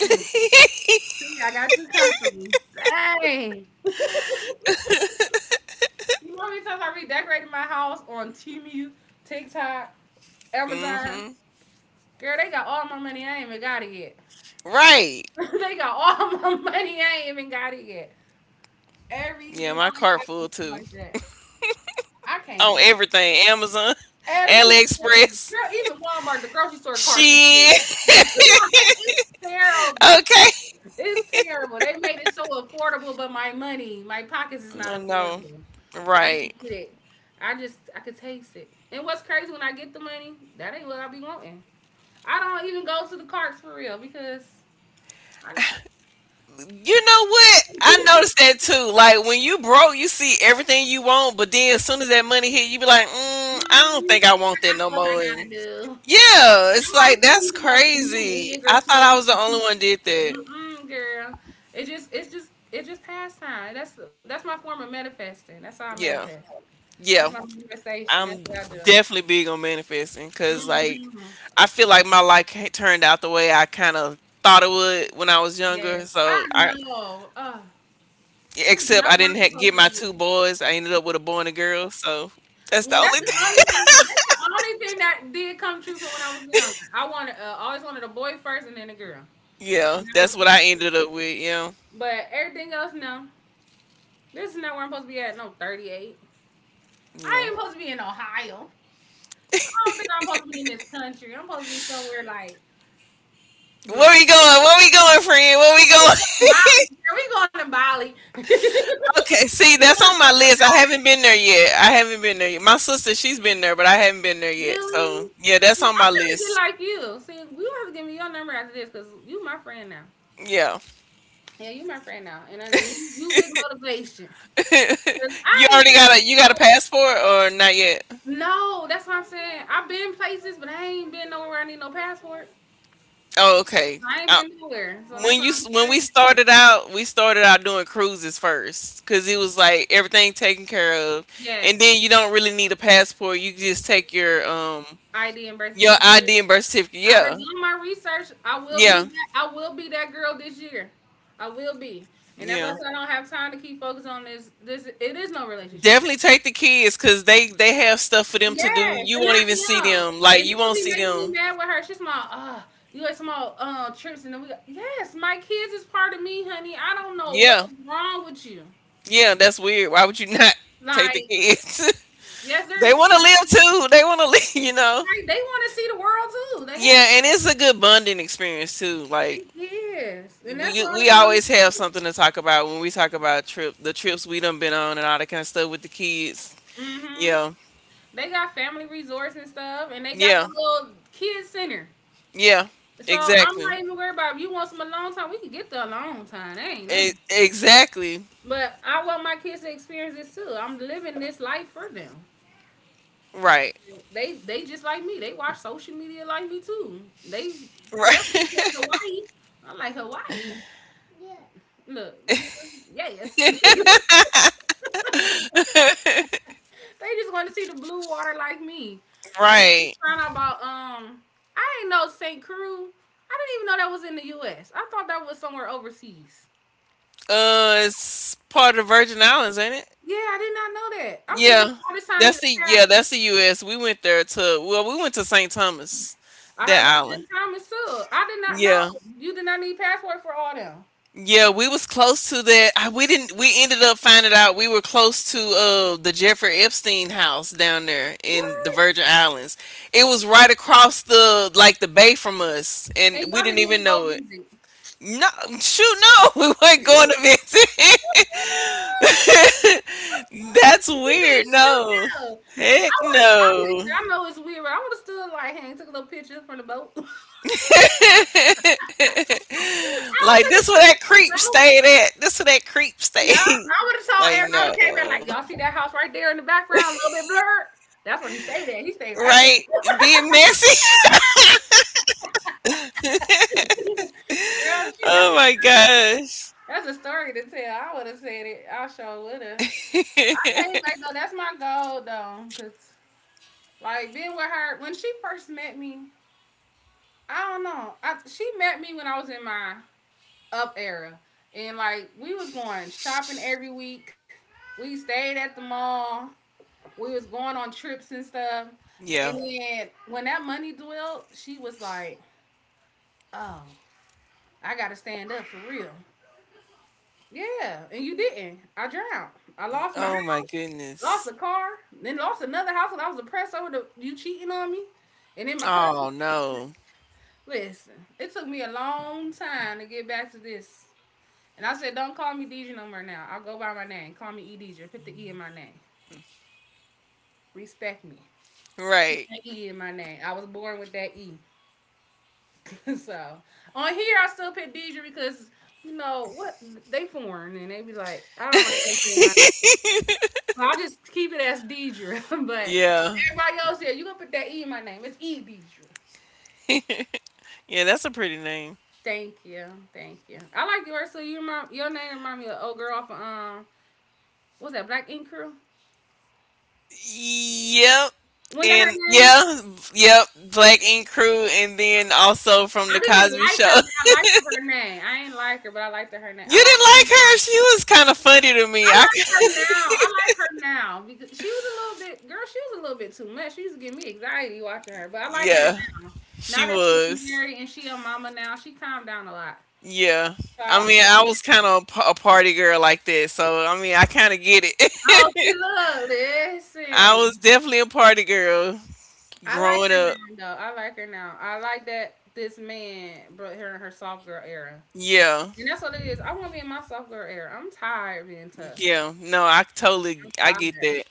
B: Mm. See, I got too comfortable. Dang. You know how many times I redecorated my house on Temu, TikTok,
A: Mm-hmm.
B: Amazon? Girl, they got all my money. I ain't even got it yet.
A: Right.
B: *laughs* they got all my money. I ain't
A: Yeah,
B: even
A: my
B: got it
A: cart
B: yet.
A: full too.
B: Every night I go see
A: On
B: like that.
A: everything. Amazon,
B: I can't. Have
A: AliExpress.
B: Everything, girl. Even
A: Shit.
B: Walmart, the grocery store
A: *laughs*
B: carts is full. *laughs* like
A: Okay.
B: it's terrible. It's terrible. They made it so affordable, but my money, my
A: I
B: pockets is not
A: know.
B: affordable.
A: Right.
B: I hate it. I could taste it. And what's crazy when I get the money, that ain't what I be wanting. I don't even go to the carts for real because I,
A: You know what? I noticed that too. Like when you broke, you see everything you want, but then as soon as that money hit, you be like, mm, I don't
B: mm,
A: think I want that
B: I got
A: no
B: stuff I
A: more. And
B: gotta do.
A: yeah, it's
B: I might
A: like that's
B: squeeze in a new
A: crazy.
B: wig or
A: I thought I
B: two.
A: was the only one did that.
B: Mm-mm, girl. It's just pastime. That's my form of manifesting. That's how I
A: Yeah.
B: manifest. That's
A: Yeah.
B: my manifestation. That's
A: I'm
B: what I do.
A: definitely big on manifesting because
B: Mm
A: like
B: hmm.
A: I feel like my life ca- turned out the way I kind of thought it would when I was younger.
B: Yes, I know. Ugh, this is
A: Except
B: not
A: I
B: where
A: didn't
B: I'm
A: ha-
B: supposed
A: get
B: to
A: my
B: be.
A: two
B: At.
A: boys. I ended up with a boy and a girl. So that's
B: Well,
A: the
B: that's
A: only *laughs*
B: the
A: thing.
B: only thing. That's the only thing that did come true from when I was younger. I wanted, always wanted a boy first and then a girl.
A: Yeah,
B: And I was
A: that's what
B: blessed.
A: I
B: With it.
A: ended up with. Yeah,
B: But everything else, no. This is not where I'm supposed to be at. No, 38.
A: yeah.
B: I ain't supposed to be in Ohio. I don't think I'm supposed to be in this country. I'm supposed to be somewhere like
A: Where
B: Brazil.
A: we going? Where we going, friend? Where we going? *laughs*
B: We going to Bali. Girl. We going to Bali. *laughs*
A: Okay, see,
B: we
A: that's
B: going
A: on
B: to
A: my
B: go
A: list. I
B: Bali.
A: haven't been there yet. I haven't been there yet. My sister, she's been there, but I haven't been there yet. So
B: Really?
A: yeah, that's
B: I'm
A: on my
B: trying to get
A: list.
B: like you. See, you have to give me your number after this because you my friend now.
A: Yeah.
B: Yeah, you my friend now, and you big motivation. 'Cause
A: *laughs* You
B: I ain't
A: already
B: trying
A: got a you got a
B: to go
A: passport or not yet?
B: nowhere. No, that's what I'm saying. I've been places, but I ain't been nowhere. Where I need no passport.
A: Oh, okay.
B: I ain't been nowhere, so that's
A: When
B: why
A: you
B: I'm saying.
A: when
B: I ain't been nowhere.
A: we started out doing cruises first because it was like everything taken care of, and
B: Yes,
A: then you don't really need a passport. You just take
B: ID and birth
A: your
B: certificate.
A: ID and birth certificate.
B: I've been
A: Yeah,
B: doing my research. I will be.
A: yeah,
B: That, I will be that girl this year. I will be, and that's why I
A: yeah.
B: said I don't have time to keep focused on this. This it is no relationship.
A: Definitely take the kids because they have stuff for them to do.
B: Yes,
A: You
B: and
A: won't even see
B: I am.
A: them. Like
B: And
A: you
B: this will
A: won't
B: be
A: see
B: making me
A: them.
B: mad with her. She's my you had some all trips and then we got, yes, my kids is part of me, honey. I don't know
A: Yeah,
B: what's wrong with you.
A: yeah. That's weird. Why would you not *laughs* take the
B: Like,
A: kids?
B: yes,
A: *laughs*
B: there
A: They
B: is
A: want to
B: times
A: live
B: when-
A: too. They want to *laughs* live. You know.
B: like they want to see the world too. The heck?
A: Yeah, and it's a good bonding experience too. Like
B: Yes. And that's
A: we
B: all
A: we
B: they want
A: always
B: to
A: have something to talk about when we talk about trip the trips we done been on and all that kind of stuff with the kids.
B: do. Mm-hmm.
A: Yeah,
B: They got family resorts and stuff, and they got the
A: yeah,
B: little kids center.
A: yeah.
B: So I'm
A: Exactly.
B: not even worried about if you want some alone time, we can get the alone time. That ain't
A: E-
B: nothing.
A: exactly.
B: But I want my kids to experience this too. I'm living this life for them.
A: Right.
B: They just like me. They watch social media like me too. They forever in
A: Right.
B: Hawaii. I like Hawaii. Look, you hear? Yes.
A: *laughs*
B: They just want to see the blue water like me. And they
A: Right.
B: found out about I didn't know St. Crew. I didn't even know that was in the US. I thought that was somewhere overseas.
A: It's part of the Virgin Islands, ain't it?
B: Yeah, I did not know that. I'm thinking
A: Yeah.
B: all this time I need a passport.
A: That's the U.S. We went there to well, we went to St. Thomas,
B: I heard
A: that
B: about
A: island.
B: St. Thomas too. I did not know.
A: Yeah.
B: You did not need passport for all them.
A: Yeah, we was close to that. I- We didn't. We ended up finding out we were close to the Jeffrey Epstein house down there in the
B: What?
A: Virgin Islands. It was right across the like the bay from us,
B: And
A: and
B: y'all
A: we
B: didn't
A: didn't
B: even
A: even
B: go
A: know it.
B: visit. *laughs*
A: No, shoot, no, *laughs* we weren't
B: you
A: going to visit. *laughs* That's
B: said
A: weird.
B: shoot
A: No,
B: no. I
A: heck
B: want to. I listen.
A: no.
B: I know it's weird, but I would have stood like hang, took a little picture from the boat.
A: *laughs*
B: I would
A: Like
B: took a
A: this where
B: picture
A: that
B: from
A: creep
B: the boat.
A: stayed at. This where that creep
B: Yeah,
A: stayed.
B: I
A: *laughs*
B: would have
A: Like
B: told everybody
A: no.
B: who came in like, y'all see that house right there in the background, a little bit blurred. That's where he stayed at. He stayed right
A: Right?
B: there.
A: Being messy. *laughs*
B: *laughs* Girl, shit, that's
A: Oh
B: a
A: my
B: story.
A: gosh.
B: That's a story to tell. I would have said it. I sure would have. I think
A: *laughs*
B: like though that's my goal though, cause like being with her when she first met me, I don't know. I she met me when I was in my up era, and like we was going shopping every week. We stayed at the mall. We was going on trips and stuff. And
A: Yeah.
B: then when that money dwelled, she was like, "Oh, I gotta stand up for real." Yeah, and you didn't. I drowned. I lost my
A: Oh
B: house,
A: my
B: lost a
A: goodness.
B: car, then lost another house, and I was depressed over the you cheating on me. And then my cousin.
A: Oh no.
B: Listen, it took me a long time to get back to this. And I said, "Don't call me DJ no more now. I'll go by my name. Call me E DJ. Put the E in my name. Respect me. Put
A: Right.
B: the E in my name. I was born with that E." *laughs* So on here, I still pick Deidre because you know what they foreign and they be like, I don't like how they say my.
A: *laughs*
B: So I just keep it as Deidre, *laughs* but
A: Yeah.
B: everybody else here, you gonna put that E in my name? It's E Deidre.
A: *laughs* Yeah, that's a pretty name.
B: Thank you, thank you. I like yours. So you remind, your name remind me of old girl off of what's that Black Ink Crew?
A: Yep.
B: When that her
A: And
B: name?
A: yeah, yep, Black Ink Crew and then also from
B: I
A: the
B: didn't
A: Cosby
B: like
A: Show.
B: her,
A: *laughs*
B: but I liked her, her name. I ain't like her, but I liked her, her name. I
A: You
B: liked
A: didn't
B: her
A: like
B: name.
A: her. She was kind of funny to me.
B: I
A: I
B: like
A: c-
B: her now. I like her now because she was a little bit, girl, she was a little bit too much. She used to give me anxiety watching her, but I like her
A: yeah,
B: now. Now
A: she
B: that she's
A: was.
B: married and she a mama now, she calmed down a lot.
A: Yeah.
B: So I
A: I
B: like
A: mean, I was
B: her.
A: kind of a a party girl like that, so I mean, I kind of get it.
B: Oh,
A: *laughs*
B: see, look,
A: I was
B: listen.
A: definitely a party girl
B: I like
A: growing
B: her
A: up.
B: now, though. I like her now. I like that this man brought her in her soft girl era.
A: Yeah.
B: And that's what it is. I want to be in my soft girl era. I'm tired of being tough.
A: Yeah. No,
B: I'm
A: I
B: tired.
A: get that.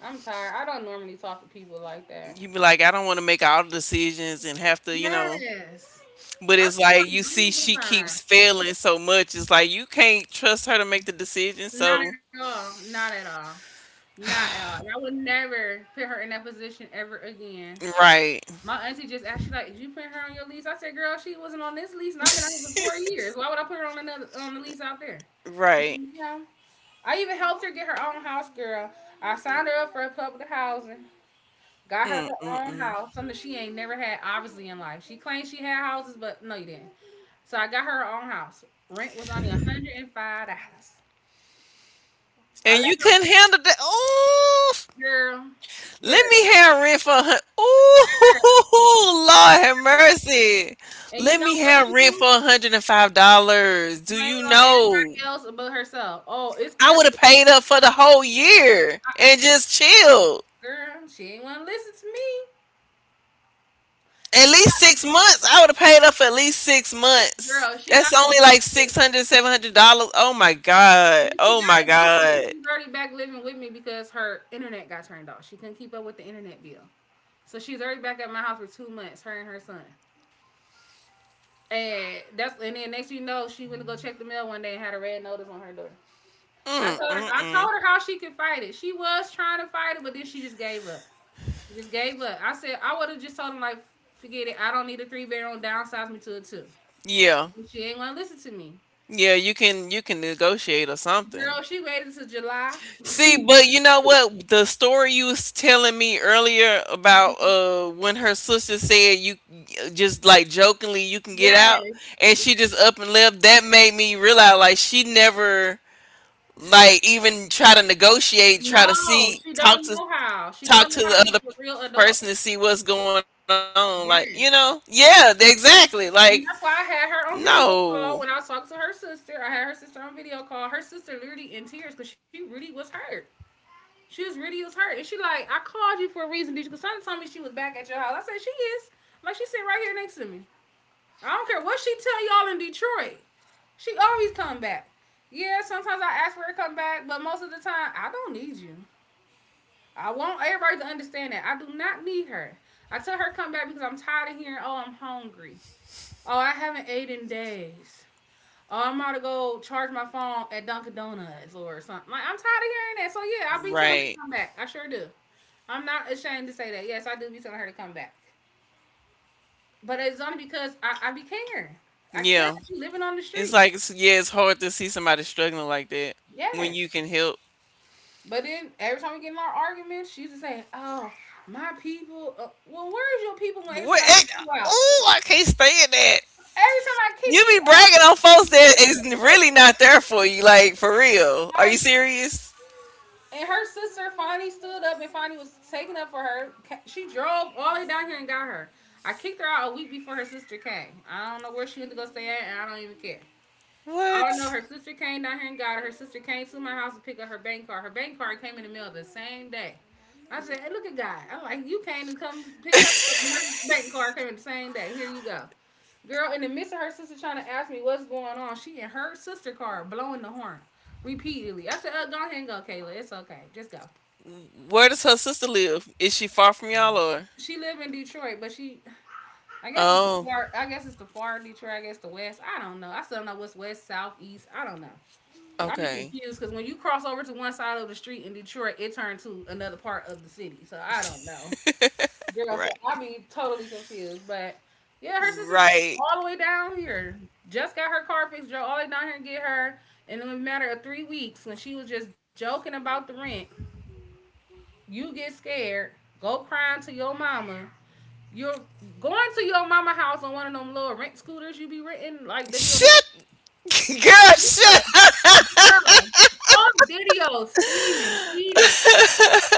B: I'm tired. I don't normally talk to people like that.
A: You be like, I don't want to make all the decisions and have to, you know.
B: Yes.
A: But
B: I
A: it's
B: just want
A: like
B: to
A: you see
B: breathe
A: she
B: sometimes.
A: keeps failing so much. It's like you can't trust her to make the decision.
B: Not
A: So
B: at all. Not at all. Not at all. And I would never put her in that position ever again.
A: right.
B: My auntie just asked, she like, "Did you put her on your lease?" I said, "Girl, she wasn't on this lease, and I've been out here for 4 years. Why would I put her on another on the lease out there?"
A: Right.
B: Yeah. I even helped her get her own house, girl. I signed her up for a public housing. Got her her own
A: Mm-mm-mm.
B: house, something she ain't never had, obviously, in life. She claims she had houses, but no, you didn't. So I got her, her own house. Rent was only $105. I
A: And
B: let
A: you
B: her
A: couldn't handle that. Oh
B: girl,
A: Let
B: girl,
A: me have rent for a hundred.
B: girl.
A: Ooh, *laughs* Lord have mercy.
B: And
A: Let
B: you
A: me
B: know what
A: have
B: she
A: rent for
B: was.
A: $105.
B: She
A: Do
B: blame
A: you
B: it on
A: know?
B: everybody else but herself. Oh, it's
A: I
B: Carol,
A: would have paid up for the whole year and just chilled.
B: girl. She ain't want to listen to me.
A: At
B: She
A: least
B: got,
A: 6 months. I would have paid up for at least 6 months.
B: girl, she got
A: That's only like
B: evicted.
A: 600, $700. Oh my god.
B: When she
A: Oh my
B: got evicted,
A: god.
B: she's already back living with me because her internet got turned off. She couldn't keep up with the internet bill. So she's already back at my house for 2 months, her and her son. And that's, and then next thing you know, she went to go check the mail one day and had a red notice on her door.
A: Mm mm
B: I told
A: mm.
B: her how she could fight it. She was trying to fight it, but then she just gave up. She just gave up. I said I would have just told him like, forget it. I don't need a three bedroom. Downsize me to a two.
A: Yeah.
B: And she ain't want to listen to me.
A: Yeah. You can negotiate or something.
B: Girl, she waited till July.
A: See, but you know what? The story you was telling me earlier about
B: Mhm.
A: when her sister said you just like jokingly you can get out
B: Yes.
A: and she just up and left, that made me realize like she never like even try to negotiate, try to
B: No,
A: see
B: she
A: talk
B: don't
A: to
B: know how. She
A: talk
B: don't know
A: to
B: how to
A: the
B: be a
A: other
B: real
A: person
B: adult.
A: to see what's going on. Like, you
B: Yes.
A: know? Yeah,
B: And
A: exactly.
B: and
A: Like,
B: that's why I had her on video call
A: no.
B: when I was talking to her sister. I had her sister on video call. Her sister literally in tears because she really was hurt. She was really was hurt, and she like, I called you for a reason, Deja, because Sonny told me she was back at your house. I said she is, like she sitting right here next to me. I don't care what she tell y'all in Detroit, she always come back. Yeah, sometimes I ask for her to come back, but most of the time I don't need you. I want everybody to understand that I do not need her. I tell her come back because I'm tired of hearing, oh, I'm hungry. Oh, I haven't ate in days. Oh, I'm about to go charge my phone at Dunkin' Donuts or something. Like I'm tired of hearing that. So yeah, I'll be telling her to
A: Right.
B: come back. I sure do. I'm not ashamed to say that. Yes, I do be telling her to come back. But it's only because I be caring. I care
A: Yeah.
B: that you living on the
A: It's
B: street.
A: like it's, yeah, it's hard to see somebody struggling like that when
B: Yes.
A: you can help.
B: But then every time we get in our arguments, she's just saying, "Oh, my people." Well, where's your people? When every time
A: What?
B: I
A: Eh,
B: kick you out,
A: oh, I can't stand that.
B: every time I kick
A: You
B: you
A: be bragging
B: out,
A: on folks that
B: *laughs*
A: is really not there for you. Like for real. Are you
B: why.
A: serious?
B: And her sister finally stood up and finally was taken up for her. She drove all the way down here and got her. I kicked her out a week before her sister came. I don't know where she went to go stay at, and I don't even care. I don't know.
A: What?
B: Her sister came down here and got her. Her sister came to my house to pick up her bank card. Her bank card came in the mail the same day. I said, "Hey, look at God." I'm like, "You came and come pick her up, and her bank card came in the same day. Here you go, girl." In the midst of her sister trying to ask me what's going on, she and her sister car blowing the horn repeatedly. I said, "Go ahead and go, Kayla. It's okay. Just go."
A: Where does her sister live? Is she far from y'all or?
B: She live in Detroit, but she, I guess, it's the
A: Oh,
B: far, I guess it's the far Detroit. I guess the west. I don't know. I still don't know what's west, south, east. I don't know. I be
A: okay.
B: confused because when you cross over to one side of the street in Detroit, it turned to another part of the city. So I don't know, girl.
A: Right.
B: So I be totally confused. But yeah, her sister drove
A: Right.
B: all the way down here. Just got her car fixed. Drove all the way down here and get her. And in a matter of 3 weeks, when she was just joking about the rent, you get scared, go crying to your mama, you're going to your mama house on one of them little rent scooters you be renting, like they be on
A: Shut, *laughs* girl,
B: girl,
A: shut.
B: girl. On video, steaming, heated,
A: *laughs*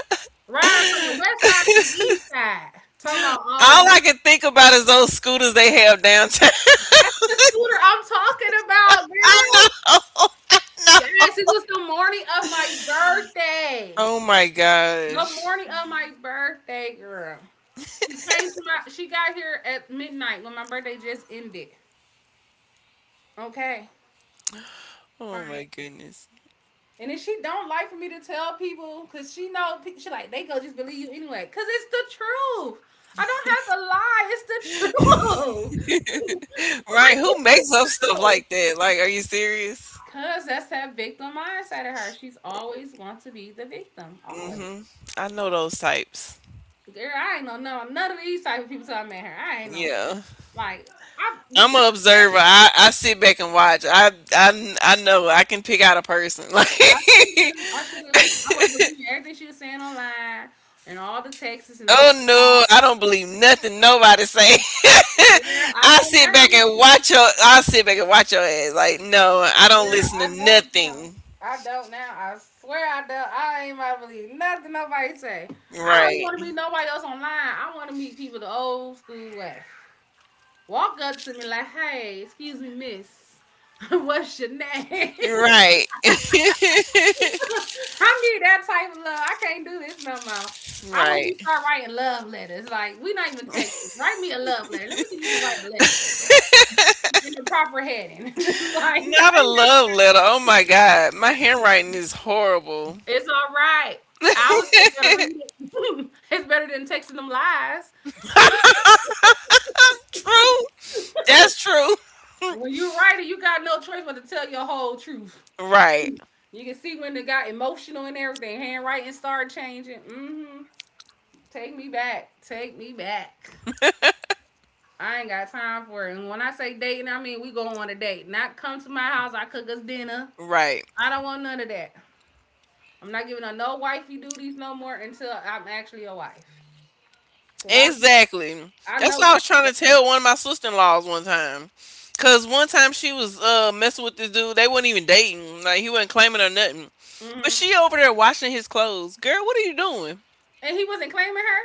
B: riding from the west side to the east side. Talking about, oh
A: All I
B: yeah,
A: can think about is those scooters they have downtown.
B: that's the scooter I'm talking about,
A: *laughs* I
B: girl.
A: know. *laughs* I know.
B: Yes, it was the morning of my birthday.
A: Oh my
B: The
A: gosh.
B: morning of my birthday, girl. She came to my she got here at midnight when my birthday just ended. Okay.
A: Oh my
B: Like.
A: goodness.
B: And if she don't like for me to tell people, cause she know she like they go just believe you anyway, cause it's the truth. I don't have to lie. It's the truth. *laughs*
A: *laughs* Right,
B: Like
A: who
B: it's
A: makes
B: the
A: up stuff like
B: truth.
A: that? Like, are you serious?
B: Cause that's that victim mindset of her. She's always want to be the victim. Always.
A: Mhm. I know those types.
B: Girl, I ain't know none of these type of people till I met her. I ain't know
A: Yeah.
B: like I
A: I'm
B: because
A: an
B: of
A: observer.
B: that,
A: I sit back and watch. I know I can pick out a person. *laughs* Like,
B: I should have. I should have. I was believing everything she was saying online and all the texts and all
A: oh no,
B: the
A: I don't believe nothing nobody say.
B: calls.
A: *laughs*
B: Girl, I don't now.
A: I sit back and watch your ass. Like, no, I don't
B: Girl,
A: listen to
B: I don't now.
A: nothing.
B: I don't now. I swear I don't. I ain't about to believe nothing nobody say. I don't
A: Right,
B: want to meet nobody else online. I want to meet people the old school way. Walk up to me like, hey, excuse me, miss. *laughs* What's your name? *laughs* I
A: right,
B: need that type of love. I can't do this no more. I want
A: *laughs* right.
B: you to start writing love letters. Like, we not even texting. Write me a love letter. Let me see if you can write a letter in the proper heading. *laughs* Like, I
A: Not a
B: ain't.
A: love letter. Oh my God. My handwriting is horrible.
B: It's all right. I was
A: *laughs*
B: still better read it. *laughs* It's better than texting them lies.
A: True. That's true.
B: And when you write it, you got no choice but to tell your whole truth.
A: Right.
B: You can see when it got emotional and everything. Handwriting started changing. Mm-hmm. Take me back. Take me back. I ain't got time for it. And when I say dating, I mean we go on a date. Not come to my house, I cook us dinner.
A: Right.
B: I don't want none of that. I'm not giving her no wifey duties no more until I'm actually a wife. Because
A: Exactly.
B: I know
A: That's
B: what
A: what I was
B: I
A: trying to
B: am.
A: tell one of my sister in laws one time. Cause one time she was messing with this dude. They weren't even dating. Like he wasn't claiming or nothing. But
B: Hmm.
A: she over there washing his clothes. Girl, what are you doing?
B: And he wasn't claiming her.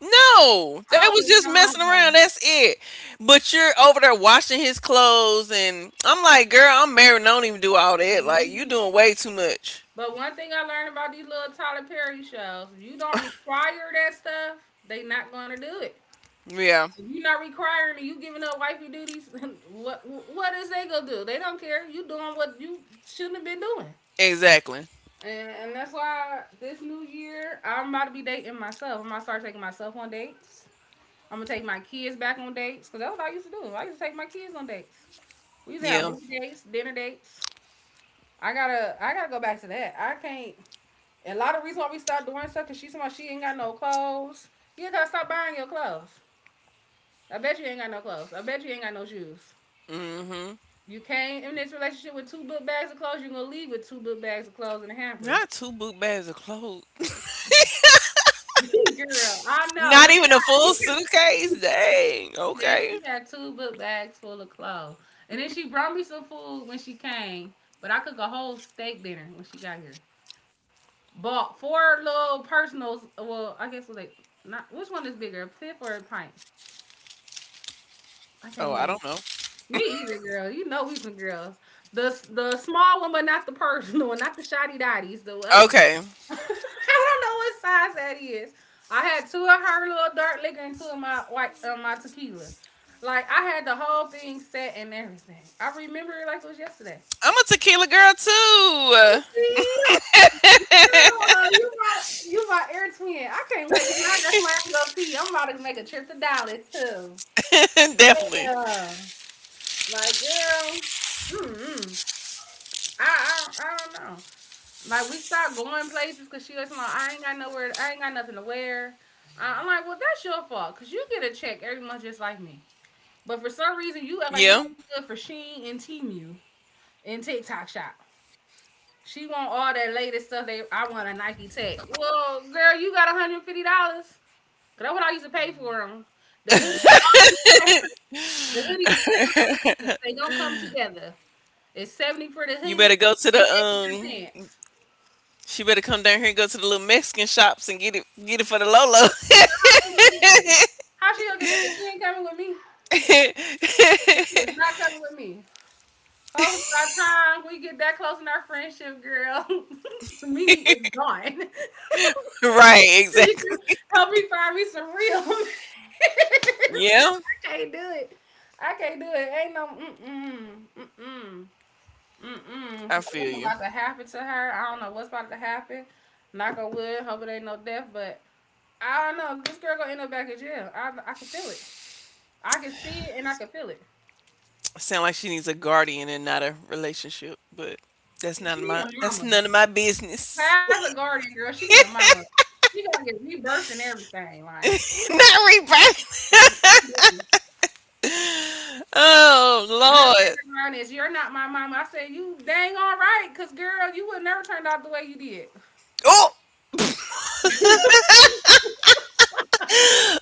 A: No, they was
B: Oh
A: just messing around.
B: no.
A: That's it. But you're over there washing his clothes, and I'm like, girl, I'm married. Don't even do all that. Like, you
B: Mhm.
A: doing way too much.
B: But one thing I learned about these little Tyler Perry shows, if you don't require that stuff, they not gonna do it.
A: Yeah,
B: If you're not requiring it, you giving up wifey duties, *laughs* what is they gonna do? They don't care. You doing what you shouldn't have been doing.
A: exactly.
B: And that's why this new year, I'm about to be dating myself. I'm about to start taking myself on dates. I'm gonna take my kids back on dates because that's what I used to do. I used to take my kids on dates. We used to have
A: Yeah.
B: movie dates, dinner dates. I gotta go back to that. I can't. And a lot of reason why we stopped doing stuff because she's somebody she ain't got no clothes. You gotta stop buying your clothes. I bet you ain't got no clothes. I bet you ain't got no shoes.
A: Mm-hmm.
B: You came in this relationship with two book bags of clothes. You're gonna leave with two book bags of clothes and a hamper.
A: Not two book bags of clothes.
B: *laughs* Girl, I
A: *laughs*
B: know.
A: Not
B: Leon,
A: even a
B: you
A: full
B: can
A: suitcase. Dang.
B: yeah,
A: Okay.
B: she had two book bags full of clothes. And then she brought me some food when she came. But I cooked a whole steak dinner when she got here. Bought four little personals. Well, I guess was like not which one is bigger, a fifth or a pint? I can't
A: Oh, I
B: remember.
A: don't know.
B: Me either, girl. You know we some girls. The small one, but not the personal one, not the shoddy dotties. The other one.
A: Okay.
B: *laughs* I don't know what size that is. I had two of her little dark liquor and two of my white my tequila. Like I had the whole thing set and everything. I remember it like it was yesterday.
A: I'm a tequila girl
B: Oh,
A: too.
B: see? Yeah, you my air twin. I can't wait because now that's where I can go see you. I'm about to make a trip to Dallas too.
A: *laughs* Definitely.
B: Yeah, like girl. Mm-mm. I, I I don't know. Like we stopped going places because she was like, I ain't got nowhere. I ain't got nothing to wear. I'm like, well, that's your fault because you get a check every month just like me. But for some reason, you
A: Yeah.
B: act like you good for Shein and Temu and TikTok shop. She want all that latest stuff. They I want a Nike Tech. Well, girl, you got $150. Cause that's what I used to pay for them. The hoodie, the hoodie is separate from the pants. They don't come together. It's 70 for the
A: You better
B: hoodie
A: go to the
B: and 80 for the pants.
A: She better come down here and go to the little Mexican shops and get it for the Lolo.
B: Girl, how she gonna get this? How she gonna get that? She ain't coming with me. She is not coming with me. Hopefully by the time we get that close in our friendship, girl, *laughs* Mimi is gone. *laughs*
A: *laughs* Right,
B: You can
A: exactly.
B: help me find me some real. *laughs* Girl,
A: Yeah,
B: I can't do it. I can't do it. Ain't no mm mm. Mm-mm,
A: I
B: because
A: feel
B: something
A: you.
B: about to happen to her. I don't know what's about to happen. Knock on wood. Hope it ain't no death, but I don't know. This girl gonna end up back in jail. I can feel it. I can see it and I can feel it.
A: Sound like she needs a guardian and not a relationship, but
B: She need a
A: that's
B: mama.
A: none of my business.
B: As a guardian girl, she need a mama. She gonna get rebirthed and everything.
A: *laughs*
B: Like,
A: Not rebranding.
B: and
A: *laughs* Oh
B: her
A: Lord.
B: favorite line is, "You're not my mama." I said, "You dang all right, cause girl, you would never turned out the way you did.
A: Oh,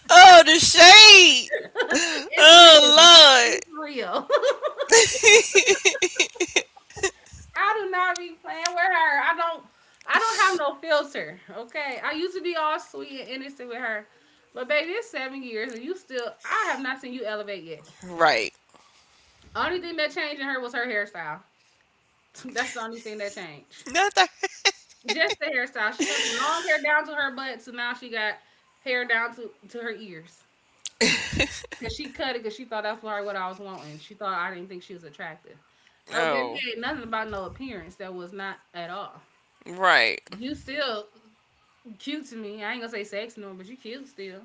A: oh the shade.
B: *laughs* It's real.
A: Oh
B: It's real."
A: Lord.
B: I do not be playing with her. I don't. I don't have no filter. Okay, I used to be all sweet and innocent with her, but baby, it's 7 years and you still. I have not seen you elevate yet.
A: *laughs* Right.
B: Only thing that changed in her was her hairstyle. *laughs* That's the only thing that changed.
A: Not that.
B: Just the hairstyle. She went from long hair down to her butt to now she got hair down to her ears. Cause she cut it because she thought that's what I was wanting. She thought I didn't think she was attractive. Oh baby,
A: Oh,
B: it ain't nothing about no appearance that was not at all.
A: right.
B: You still cute to me. I ain't gonna say sexy no more, but you cute still.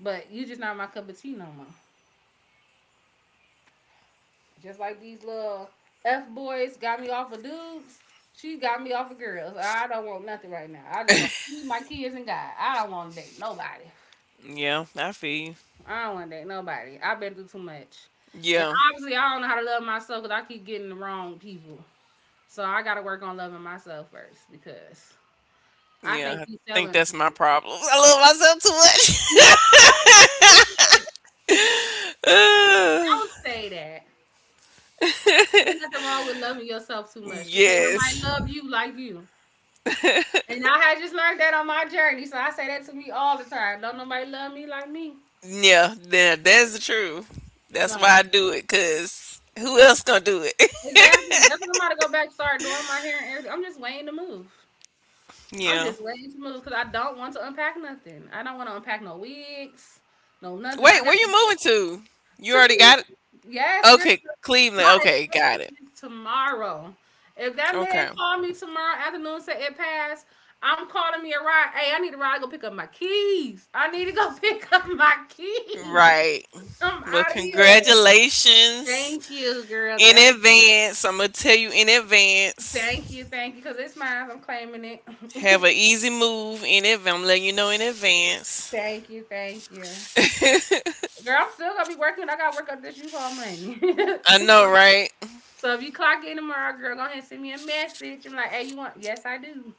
B: But you just not my cup of tea no more. Just like these little F boys got me off of dudes, she got me off of girls. I don't want nothing right now. I just want to see my kids and God. I don't want to date nobody.
A: Yeah, I feel you.
B: I don't want to date nobody. I've been through too much. And
A: Yeah,
B: obviously, I don't know how to love myself because I keep getting the wrong people. So I got to work on loving myself first because I
A: yeah.
B: can't
A: I
B: keep
A: think
B: selling.
A: that's my problem. *laughs* I love myself too
B: No,
A: much. *laughs*
B: don't say that.
A: Uh,
B: Don't say that. There's nothing wrong with loving yourself too much because nobody
A: yes.
B: love you like you. And I had just learned that on my journey. So I say that to me all the time. Don't nobody love me.
A: Yeah, that's the truth. That's why I
B: Like,
A: do it, because who else gonna do it?
B: exactly. That's why I'm about to go back, start doing my hair and everything. I'm just waiting to move.
A: *laughs*
B: I'm just
A: Yeah.
B: waiting to move because I don't want to unpack nothing. I don't want to unpack no wigs, no nothing.
A: Wait,
B: I
A: where
B: got
A: you moving to? You
B: to
A: already got it?
B: Cleveland. Yes, girl.
A: Okay, Cleveland.
B: My
A: Okay, got
B: inspection
A: it.
B: is tomorrow. If that man
A: Okay.
B: called me tomorrow afternoon and said it passed, I'm calling me a ride. Hey, I need a ride to go pick up my keys. I need to go *laughs* pick up my keys.
A: Right.
B: I'm
A: Well,
B: out of here.
A: congratulations
B: Thank you, girl.
A: in advance. I'm gonna tell you in
B: Thank
A: advance.
B: you, thank you. Cause it's mine. I'm claiming it.
A: Have an easy move in advance. I'm letting you know in
B: *laughs*
A: advance.
B: Thank you, thank you.
A: *laughs* I
B: Girl, I'm still gonna be working. I gotta work up this U-Haul money. *laughs*
A: know, right?
B: So if you clock in tomorrow, girl, go ahead and send me a message. I'm like, hey, you want? Yes, I do.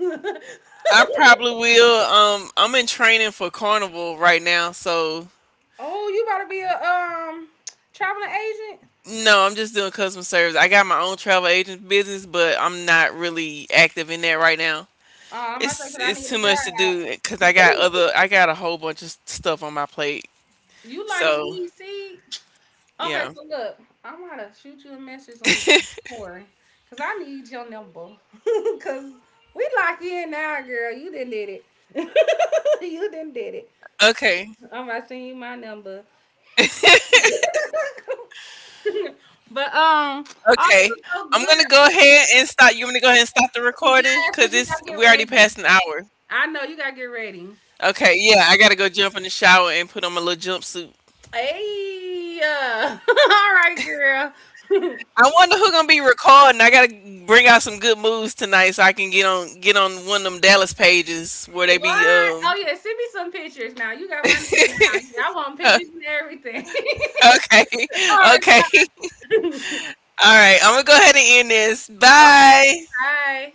B: *laughs*
A: I probably will. I'm in training for Carnival right now, so
B: Oh, you about to be a traveling agent?
A: no, I'm just doing customer service. I got my own travel agent business, but I'm not really active in that right now.
B: Oh, I might say because I
A: It's
B: need
A: too
B: a
A: much to do
B: job.
A: because I got
B: *laughs*
A: other. I got a whole bunch of s- stuff on my plate.
B: You like
A: So
B: me, see? Okay,
A: yeah.
B: so look, I'm gonna shoot you a message on Corey because I need your number *laughs* because we lock in now, girl. You didn't did it. *laughs* You didn't did it.
A: Okay.
B: I'm gonna send you my number. *laughs* But oh, this
A: Okay.
B: is so
A: I'm
B: good.
A: gonna go ahead and stop. You want me to go ahead and stop the
B: Yes,
A: recording? Cause
B: because you
A: it's
B: gotta get
A: we already
B: ready.
A: passed an hour.
B: I know you gotta get ready.
A: Okay, yeah, I gotta go jump in the shower and put on my little jumpsuit.
B: Hey, *laughs* all right, girl. *laughs* What?
A: I wonder who gonna be recording. I gotta bring out some good moves tonight so I can get on one of them Dallas pages where they be
B: Oh yeah, send me some pictures now. You got my number now. I want pictures
A: *laughs*
B: and everything.
A: okay.
B: *laughs* All
A: *laughs*
B: right.
A: Okay. *laughs*
B: Okay.
A: All right, I'm gonna go ahead and end this. Bye.
B: Bye.